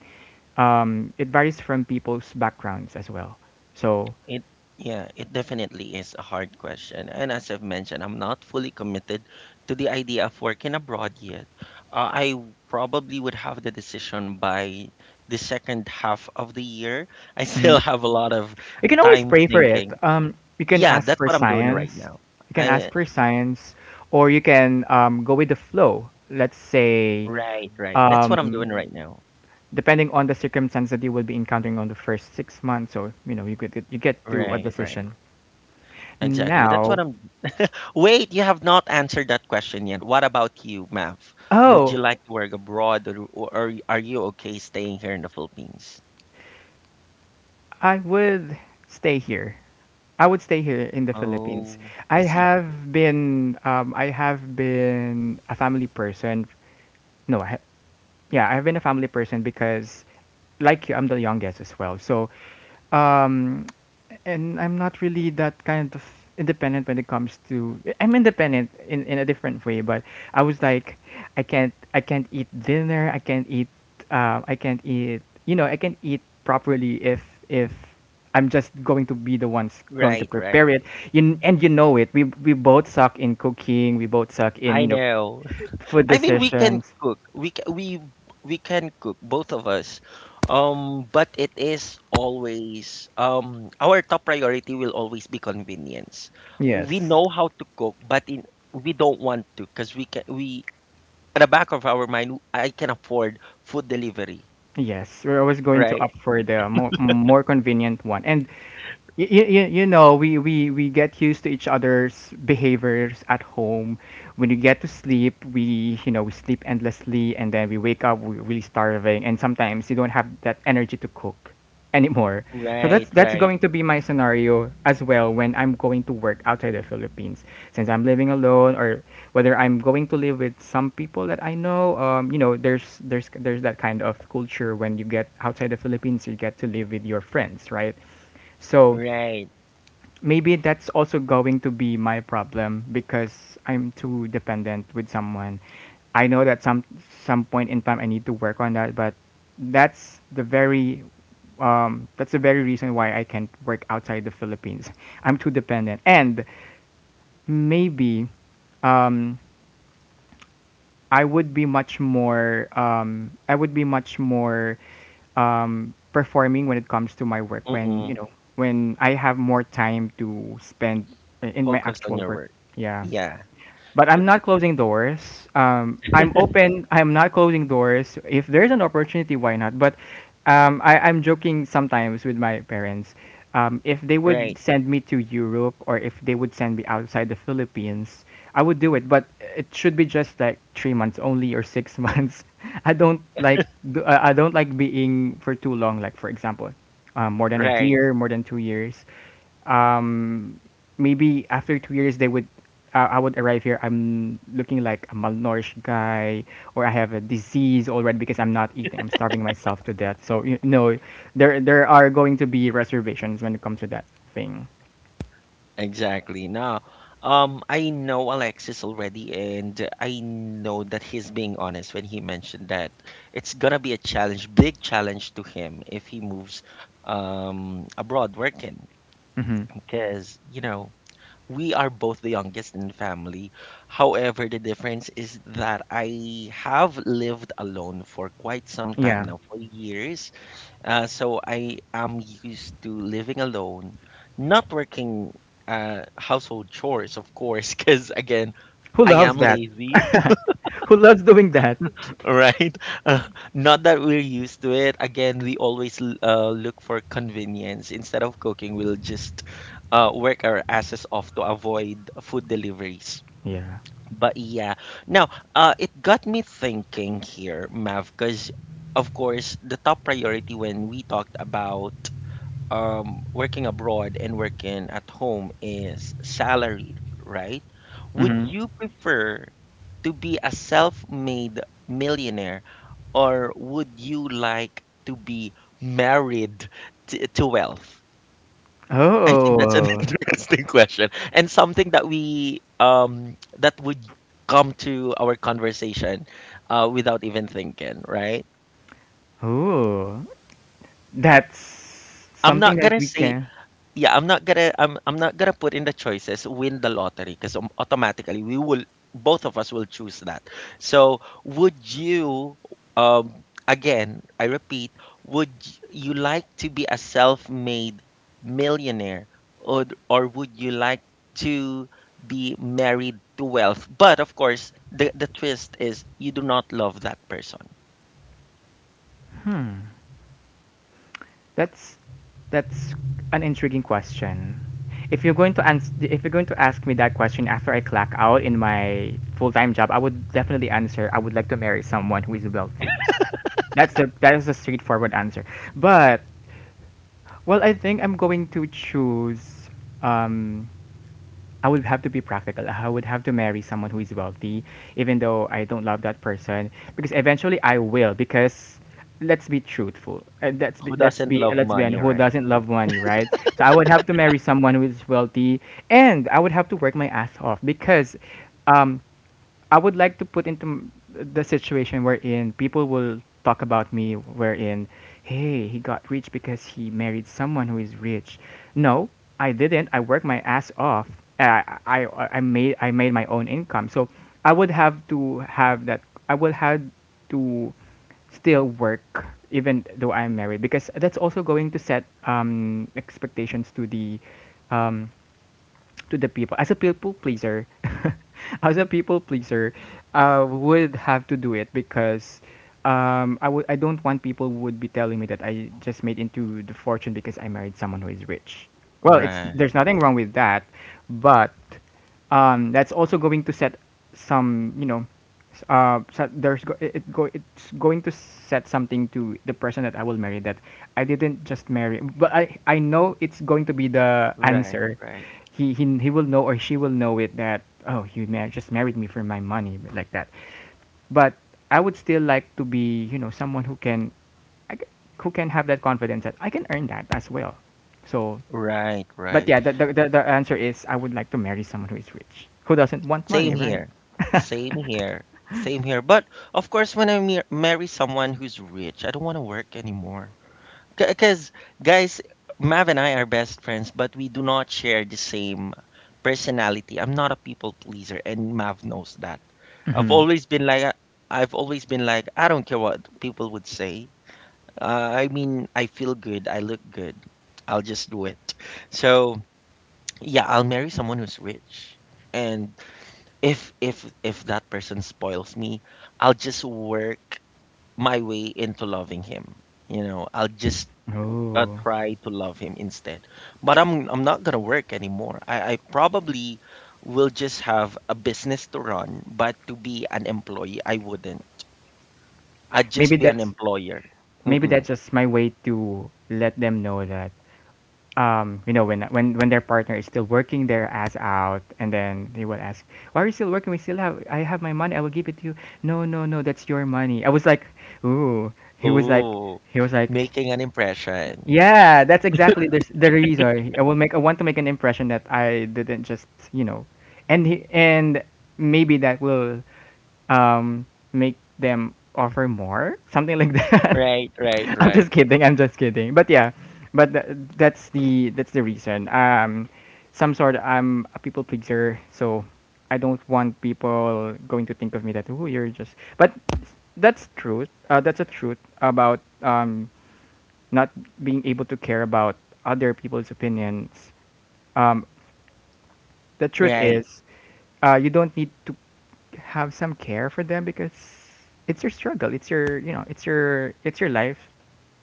S2: it varies from people's backgrounds as well. So,
S1: It, yeah, it definitely is a hard question. And as I've mentioned, I'm not fully committed to the idea of working abroad yet. Probably would have the decision by the second half of the year. I still have a lot of
S2: you can always
S1: time
S2: pray for it.
S1: thinking.
S2: You can
S1: Yeah,
S2: ask
S1: that's
S2: for
S1: what I'm doing right
S2: science.
S1: now.
S2: You can
S1: I
S2: ask for science, or you can go with the flow. Let's say,
S1: right, right. That's what I'm
S2: um,
S1: doing right now.
S2: depending on the circumstance that you will be encountering on the first 6 months, or you know, you get to a
S1: Right, right.
S2: decision.
S1: Exactly. That's what
S2: Now,
S1: I'm Wait, you have not answered that question yet. What about you, Mav? Would you
S2: oh,
S1: like to work abroad, or, are you okay staying here in the Philippines?
S2: I would stay here. I would stay here in the Philippines.
S1: Oh, I see.
S2: I have been a family person. No, I, Yeah, I've been a family person because, like you, I'm the youngest as well. So, um, and I'm not really that kind of independent when it comes to. I'm independent in a different way, but I was like, I can't eat dinner. I can't eat. I can't eat. You know, I can't eat properly if I'm just going to be the ones going to
S1: Right, right.
S2: prepare it. You, and you know it. We both suck in cooking. We both suck in,
S1: I
S2: you know,
S1: know.
S2: food
S1: I mean, we can
S2: decisions.
S1: cook. We ca- We can cook, both of us. But it is always our top priority will always be convenience. We
S2: Yes.
S1: know how to cook, but in we don't want to because we can we at the back of our mind, I can afford food delivery.
S2: Yes, we're always going to
S1: Right,
S2: opt for the more, more convenient one. And you know we we get used to each other's behaviors at home. When you get to sleep, we, you know, we sleep endlessly, and then we wake up we're really starving, and sometimes you don't have that energy to cook anymore. So
S1: right,
S2: that's
S1: right,
S2: going to be my scenario as well when I'm going to work outside the Philippines, since I'm living alone, or whether I'm going to live with some people that I know. There's that kind of culture when you get outside the Philippines, you get to live with your friends, right? So
S1: right.
S2: maybe that's also going to be my problem because I'm too dependent with someone. I know that some point in time I need to work on that, but that's the very that's the very reason why I can't work outside the Philippines. I'm too dependent, and maybe um, I would be much more I would be much more performing when it comes to my work when you
S1: Mm-mm.
S2: know when I have more time to spend in my
S1: Focus on
S2: actual
S1: your
S2: work.
S1: work.
S2: Yeah,
S1: Yeah,
S2: but I'm
S1: good.
S2: not closing doors. I'm open. I'm not closing doors. If there's an opportunity, why not? But I, I'm joking sometimes with my parents. If they would
S1: Right,
S2: send me to Europe, or if they would send me outside the Philippines, I would do it. But it should be just like 3 months only, or six months. I don't like I don't like being for too long. Like for example, more than a
S1: right.
S2: year, more than 2 years. um, Maybe after 2 years, they would I would arrive here. I'm looking like a malnourished guy, or I have a disease already because I'm not eating. I'm starving myself to death. So, you know, there are going to be reservations when it comes to that thing.
S1: Exactly. Now, I know Alexis already, and I know that he's being honest when he mentioned that it's gonna be a challenge, big challenge to him if he moves abroad working,
S2: Hmm.
S1: because you know we are both the youngest in the family. However, the difference is that I have lived alone for quite some time
S2: Yeah,
S1: now, for years. So I am used to living alone, not working household chores, of course, because again,
S2: who
S1: I
S2: loves
S1: am
S2: that?
S1: lazy,
S2: Who loves doing that?
S1: right? Not that we're used to it. Again, we always look for convenience. Instead of cooking, we'll just work our asses off to avoid food deliveries.
S2: Yeah.
S1: But yeah, now it got me thinking here, Mav, because of course the top priority when we talked about working abroad and working at home is salary, right? Would
S2: Mm-hmm.
S1: you prefer to be a self-made millionaire, or would you like to be married to wealth? I think that's an
S2: Oh,
S1: interesting question, and something that we that would come to our conversation without even thinking, right?
S2: oh, that's
S1: I'm
S2: something
S1: not
S2: that
S1: gonna
S2: we
S1: say
S2: can.
S1: yeah I'm not gonna put in the choices win the lottery because automatically we will both of us will choose that. So would you, um, again I repeat, would you like to be a self-made millionaire, or would you like to be married to wealth, but of course the twist is you do not love that person?
S2: That's that's an intriguing question. If you're going to ans- If you're going to ask me that question after I clock out in my full-time job, I would definitely answer I would like to marry someone who is wealthy. That is a straightforward answer. But, well, I think I'm going to choose, um I would have to be practical. I would have to marry someone who is wealthy, even though I don't love that person, because eventually I will. Because let's be truthful. Let's be
S1: Who doesn't love money,
S2: honest, who
S1: right?
S2: doesn't love money, right? So I would have to marry someone who is wealthy, and I would have to work my ass off because, um, I would like to put into the situation wherein people will talk about me, wherein, hey, he got rich because he married someone who is rich. No, I didn't, I worked my ass off. I made my own income. So I would have to have that. I would have to still work even though I'm married, because that's also going to set expectations um to the people. As a people pleaser as a people pleaser, I would have to do it because I would, I don't want people would be telling me that I just made into the fortune because I married someone who is rich. Well, it's,
S1: Right,
S2: there's nothing wrong with that, but that's also going to set some, you know, s- set, there's go, it go it's going to set something to the person that I will marry, that I didn't just marry, but I know it's going to be the
S1: right,
S2: answer.
S1: right,
S2: He will know, or she will know it, that, oh, you just married me for my money. But like that, but I would still like to be, you know, someone who can, I c- who can have that confidence that I can earn that as well. So,
S1: right,
S2: but
S1: right.
S2: yeah, the, the answer is I would like to marry someone who is rich, who doesn't want money,
S1: Same
S2: right?
S1: here. Same here. Same here. But of course, when I marry someone who's rich, I don't want to work anymore. Because, guys, Mav and I are best friends, but we do not share the same personality. I'm not a people pleaser, and Mav knows that. I've
S2: Mm.
S1: always been like, a- I've always been like, I don't care what people would say. Uh, I mean, I feel good. I look good. I'll just do it. So, yeah, I'll marry someone who's rich. And if that person spoils me, I'll just work my way into loving him. You know, I'll just
S2: Oh,
S1: try to love him instead. But I'm not gonna work anymore. I probably will just have a business to run, but to be an employee, I wouldn't. I'd
S2: maybe
S1: just be an
S2: that's
S1: employer.
S2: maybe that's
S1: Mm-mm.
S2: just my way to let them know that, you know, when when their partner is still working their ass out, and then they will ask, "Why are you still working? We still have, I have my money. I will give it to you." No, no, no, that's your money. I was like, "Ooh," he was like,
S1: Oh,
S2: he was like,
S1: making an impression.
S2: yeah, that's exactly the reason. I will make. I want to make an impression that I didn't just, you know, and he, and Maybe that will um make them offer more, something like that.
S1: Right, right,
S2: I'm
S1: right,
S2: just kidding. I'm just kidding. But yeah, but th- that's the reason. Some sort. I'm a people pleaser, so I don't want people going to think of me that oh you're just. But that's truth. That's a truth about not being able to care about other people's opinions. Um, the truth
S1: right.
S2: is, you don't need to have some care for them because it's your struggle. It's your, it's your life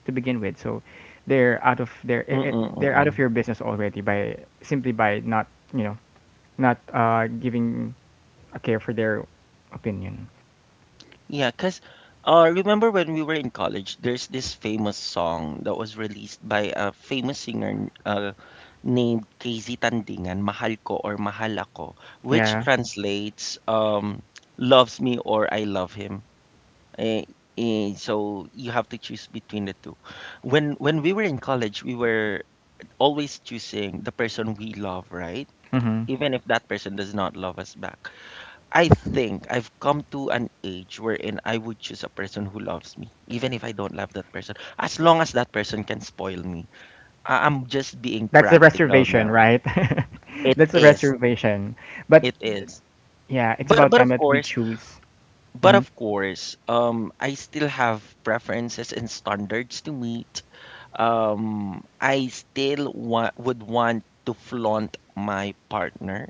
S2: to begin with. So they're out of their eh, eh, they're out of
S1: Mm-mm-mm.
S2: your business already by simply by not, you know, not giving a care for their opinion.
S1: Yeah, because remember when we were in college, there's this famous song that was released by a famous singer named KZ Tandingan, Mahal Ko or Mahal Ako, which
S2: Yeah.
S1: translates loves me or I love him. Eh, eh, so you have to choose between the two. When we were in college, we were always choosing the person we love, right?
S2: Hmm.
S1: Even if that person does not love us back. I think I've come to an age wherein I would choose a person who loves me, even if I don't love that person, as long as that person can spoil me. I'm just being
S2: That's the
S1: practical
S2: reservation,
S1: now.
S2: right?
S1: It
S2: That's the
S1: is.
S2: reservation. But
S1: It is.
S2: yeah, it's
S1: But
S2: about
S1: but
S2: time
S1: of
S2: that we
S1: course,
S2: choose.
S1: but
S2: Hmm.
S1: of course, I still have preferences and standards to meet. Um, I still would want to flaunt my partner.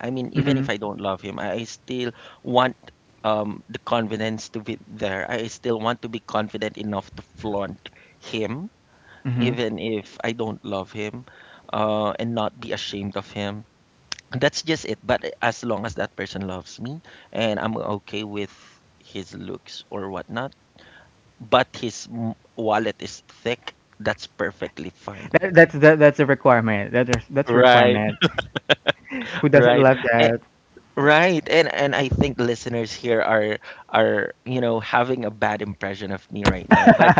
S1: I mean, even
S2: Hmm.
S1: if I don't love him, I still want the confidence to be there. I still want to be confident enough to flaunt him,
S2: Hmm.
S1: even if I don't love him, and not be ashamed of him. That's just it. But as long as that person loves me and I'm okay with his looks or whatnot, but his wallet is thick, that's perfectly fine.
S2: That's a requirement. That's a
S1: Right,
S2: requirement. Who doesn't
S1: right.
S2: love
S1: Eh,
S2: that?
S1: right. And I think listeners here are, you know, having a bad impression of me right now. But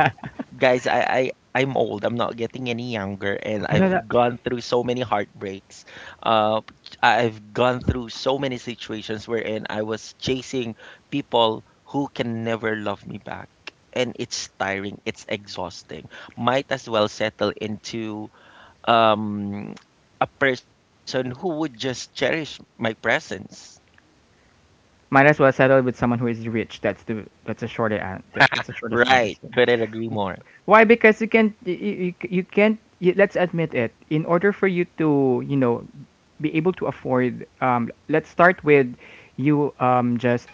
S1: guys, I'm old. I'm not getting any younger, and
S2: I know
S1: I've
S2: that.
S1: gone through so many heartbreaks. Uh, I've gone through so many situations wherein I was chasing people who can never love me back. And it's tiring, it's exhausting. Might as well settle into um a person who would just cherish my presence.
S2: Might as well settle with someone who is rich. That's the that's a shorter an- that, that's the shortest answer.
S1: Right. Couldn't agree more.
S2: Why? Because you can't you, you, you can't. Let's admit it. In order for you to, you know, be able to afford, let's start with you just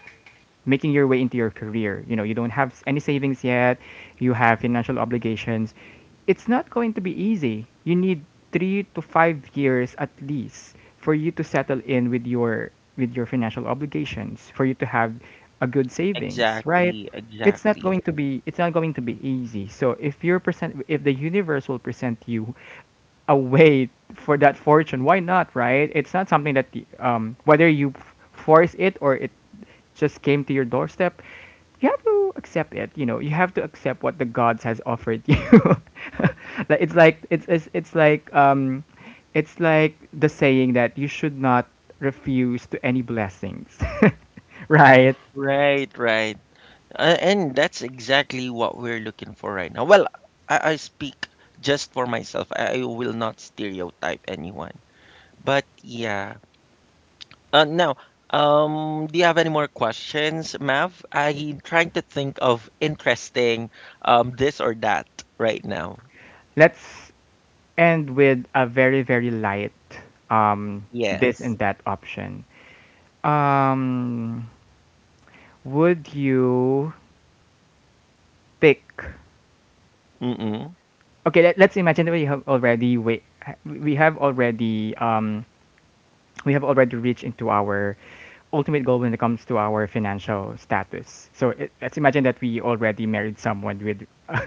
S2: making your way into your career. You know, you don't have any savings yet, you have financial obligations. It's not going to be easy. You need 3 to 5 years at least for you to settle in with your financial obligations, for you to have a good savings, right?
S1: Exactly,
S2: It's not going
S1: exactly.
S2: to be it's not going to be easy. So if the universe will present you a way for that fortune. Why not, right? It's not something that whether you force it or it just came to your doorstep, you have to accept it. You know, you have to accept what the gods has offered you. Like it's like the saying that you should not refuse to any blessings, right?
S1: Right, right. And that's exactly what we're looking for right now. Well, I speak just for myself. I will not stereotype anyone. But yeah. Now, do you have any more questions, Mav? I'm trying to think of interesting this or that right now.
S2: Let's end with a very very light um, this
S1: Yes.
S2: and that option. Um, would you pick
S1: Mm-mm.
S2: okay, let's imagine that we have already um we have already reached into our ultimate goal when it comes to our financial status, so let's imagine that we already married someone with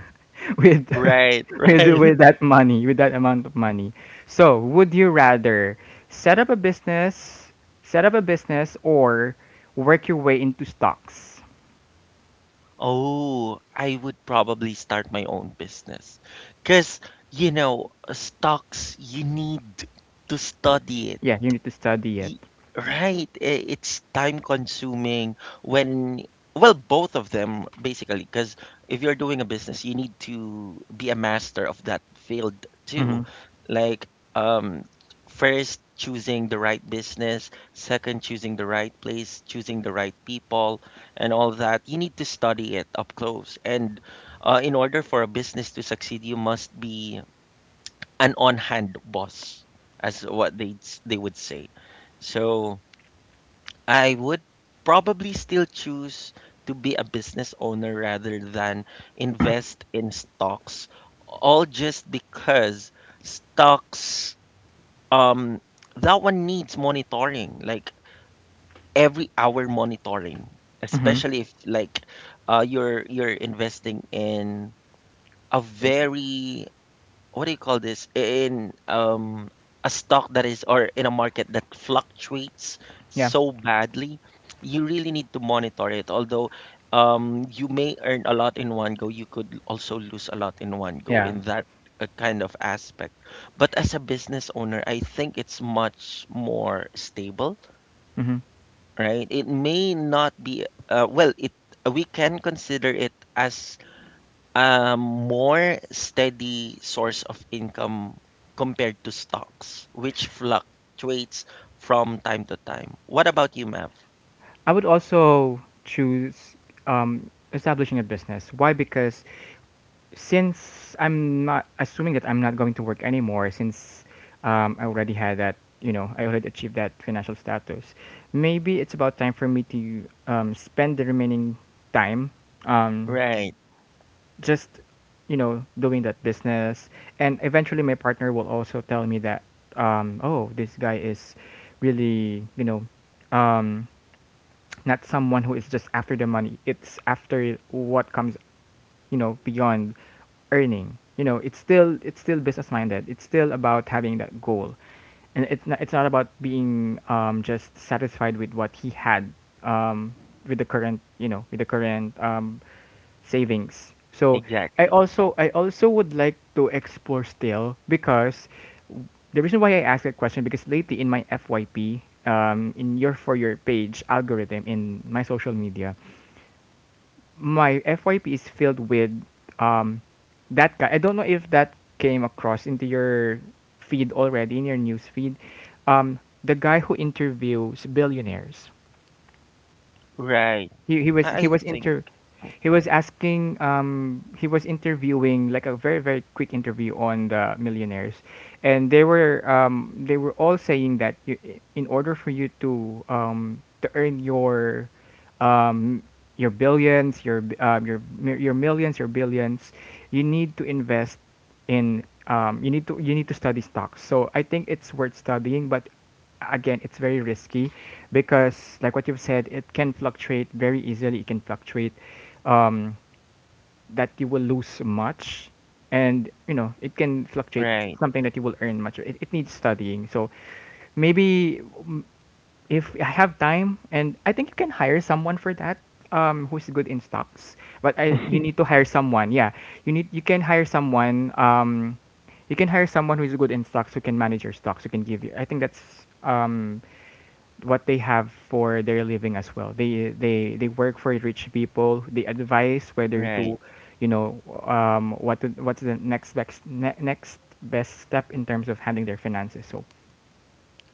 S2: with
S1: Right,
S2: with
S1: right.
S2: with that money, with that amount of money. So would you rather set up a business set up a business or work your way into stocks?
S1: Oh, I would probably start my own business. Because, you know, stocks, you need to
S2: Yeah,
S1: study.
S2: yeah you need to study it.
S1: Ye, right, I it's time consuming. When, well, both of them basically, because if you're doing a business, you need to be a master of that field too.
S2: Hmm.
S1: Like, um, first choosing the right business, second choosing the right place, choosing the right people, and all that. You need to study it up close. And in order for a business to succeed, you must be an on-hand boss, as what they would say. So I would probably still choose to be a business owner rather than invest in stocks, all just because stocks, um, that one needs monitoring, like every hour monitoring, especially if like you're investing in a very what do you call this in a stock that is, or in a market that fluctuates
S2: Yeah.
S1: so badly. You really need to monitor it. Although, um, you may earn a lot in one go, you could also lose a lot in one go
S2: Yeah.
S1: in that kind of aspect. But as a business owner, I think it's much more stable.
S2: Hmm.
S1: Right, it may not be well it we can consider it as a more steady source of income compared to stocks, which fluctuates from time to time. What about you, Mav?
S2: I would also choose, establishing a business. Why? Because, since I'm not, assuming that I'm not going to work anymore, since, I already had that, you know, I already achieved that financial status, maybe it's about time for me to, spend the remaining time, um,
S1: Right,
S2: just, you know, doing that business. And eventually my partner will also tell me that, oh, this guy is really, you know, um not someone who is just after the money. It's after what comes, you know, beyond earning. You know, it's still business minded. It's still about having that goal, and it's not about being, just satisfied with what he had, um, with the current you know with the current, savings. So
S1: exactly.
S2: I also would like to explore still, because the reason why I asked that question, because lately in my FYP, in your for your page algorithm in my social media, my FYP is filled with um that guy. I don't know if that came across into your feed already in your news feed. The guy who interviews billionaires.
S1: Right.
S2: He
S1: I
S2: was
S1: think,
S2: inter he was asking, he was interviewing like a very very quick interview on the millionaires. And they were, they were all saying that you, in order for you to, to earn your, um your billions, your your millions, your billions, you need to invest in, you need to, you need to study stocks. So I think it's worth studying, but again it's very risky, because like what you've said, it can fluctuate very easily. It can fluctuate, um, that you will lose much. And you know it can fluctuate
S1: right,
S2: something that you will earn much. It needs studying. So maybe, if I have time. And I think you can hire someone for that, who's good in stocks. But I, you need to hire someone, yeah, you need, you can hire someone, you can hire someone who's good in stocks, who can manage your stocks, who can give you, I think that's, what they have for their living as well. They work for rich people. They advise whether
S1: right,
S2: to, you know, what to, what's the next best next best step in terms of handling their finances. So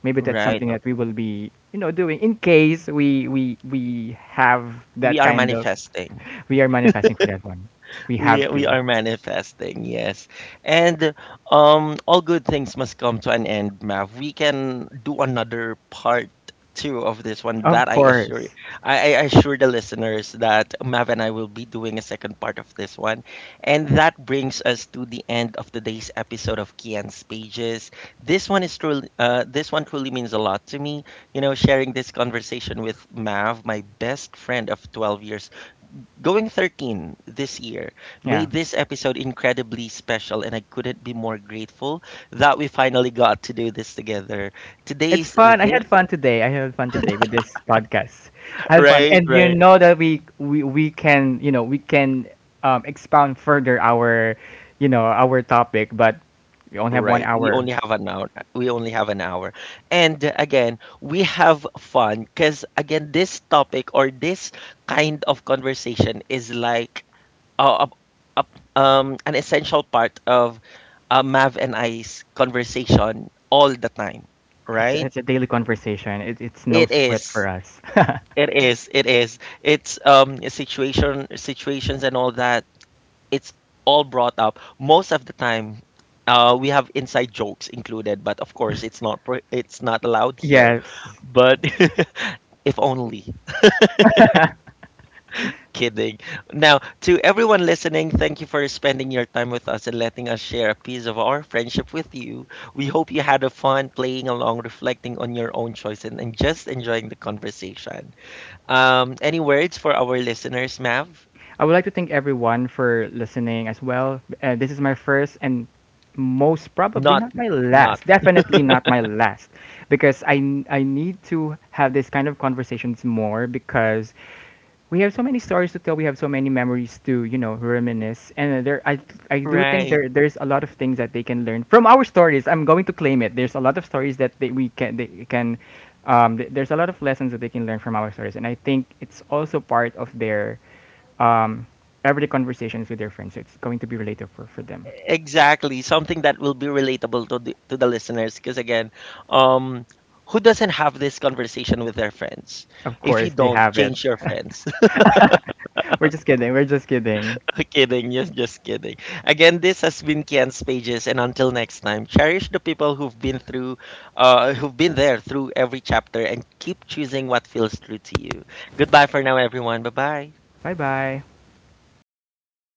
S2: maybe that's
S1: right.
S2: something that we will be, you know, doing in case we have
S1: We
S2: that
S1: are
S2: kind of.
S1: manifesting.
S2: We are manifesting for that one. We have
S1: We
S2: to.
S1: are manifesting, yes. And um, all good things must come to an end, Mav. We can do another part two of this one,
S2: Of
S1: that I assure you.
S2: course.
S1: I assure the listeners that Mav and I will be doing a second part of this one. And that brings us to the end of today's episode of Kian's Pages. This one truly means a lot to me. You know, sharing this conversation with Mav, my best friend of 12 years, going 13 this year,
S2: Yeah.
S1: made this episode incredibly special, and I couldn't be more grateful that we finally got to do this together.
S2: It's
S1: Today's
S2: fun. I
S1: this,
S2: had fun today. I had fun today with this podcast. I had fun,
S1: right,
S2: and you
S1: right,
S2: know that we can, you know, we can, expound further our, you know, our topic, but we only have one
S1: right. We
S2: hour.
S1: only have an hour. We only have an hour. And again, we have fun because, again, this topic or this kind of conversation is like uh, a, a, an essential part of Mav and I's conversation all the time, right?
S2: It's a daily conversation. It's no
S1: It
S2: sweat for
S1: is.
S2: us.
S1: It is. It is. It's um, situations and all that. It's all brought up. Most of the time, we have inside jokes included, but of course, it's not allowed here.
S2: Yes.
S1: But if only. Kidding. Now, to everyone listening, thank you for spending your time with us and letting us share a piece of our friendship with you. We hope you had a fun playing along, reflecting on your own choice, and just enjoying the conversation. Any words for our listeners, Mav?
S2: I would like to thank everyone for listening as well. This is my first and most probably
S1: Not,
S2: not my
S1: not
S2: last. Definitely not my last, because I need to have this kind of conversations more, because we have so many stories to tell. We have so many memories to, you know, reminisce. And there, I do think
S1: right.
S2: there, there's a lot of things that they can learn from our stories. I'm going to claim it. There's a lot of stories that they, we can, they can, there's a lot of lessons that they can learn from our stories. And I think it's also part of their, um, everyday conversations with their friends. So it's going to be relatable for them.
S1: Exactly. Something that will be relatable to the listeners. Because again, um, who doesn't have this conversation with their friends?
S2: Of
S1: If you
S2: course, they
S1: don't,
S2: have it.
S1: change your friends.
S2: We're just kidding. We're just kidding.
S1: kidding. Just kidding. Again, this has been Kian's Pages, and until next time, cherish the people who've been through, who've been there through every chapter, and keep choosing what feels true to you. Goodbye for now, everyone. Bye bye.
S2: Bye bye.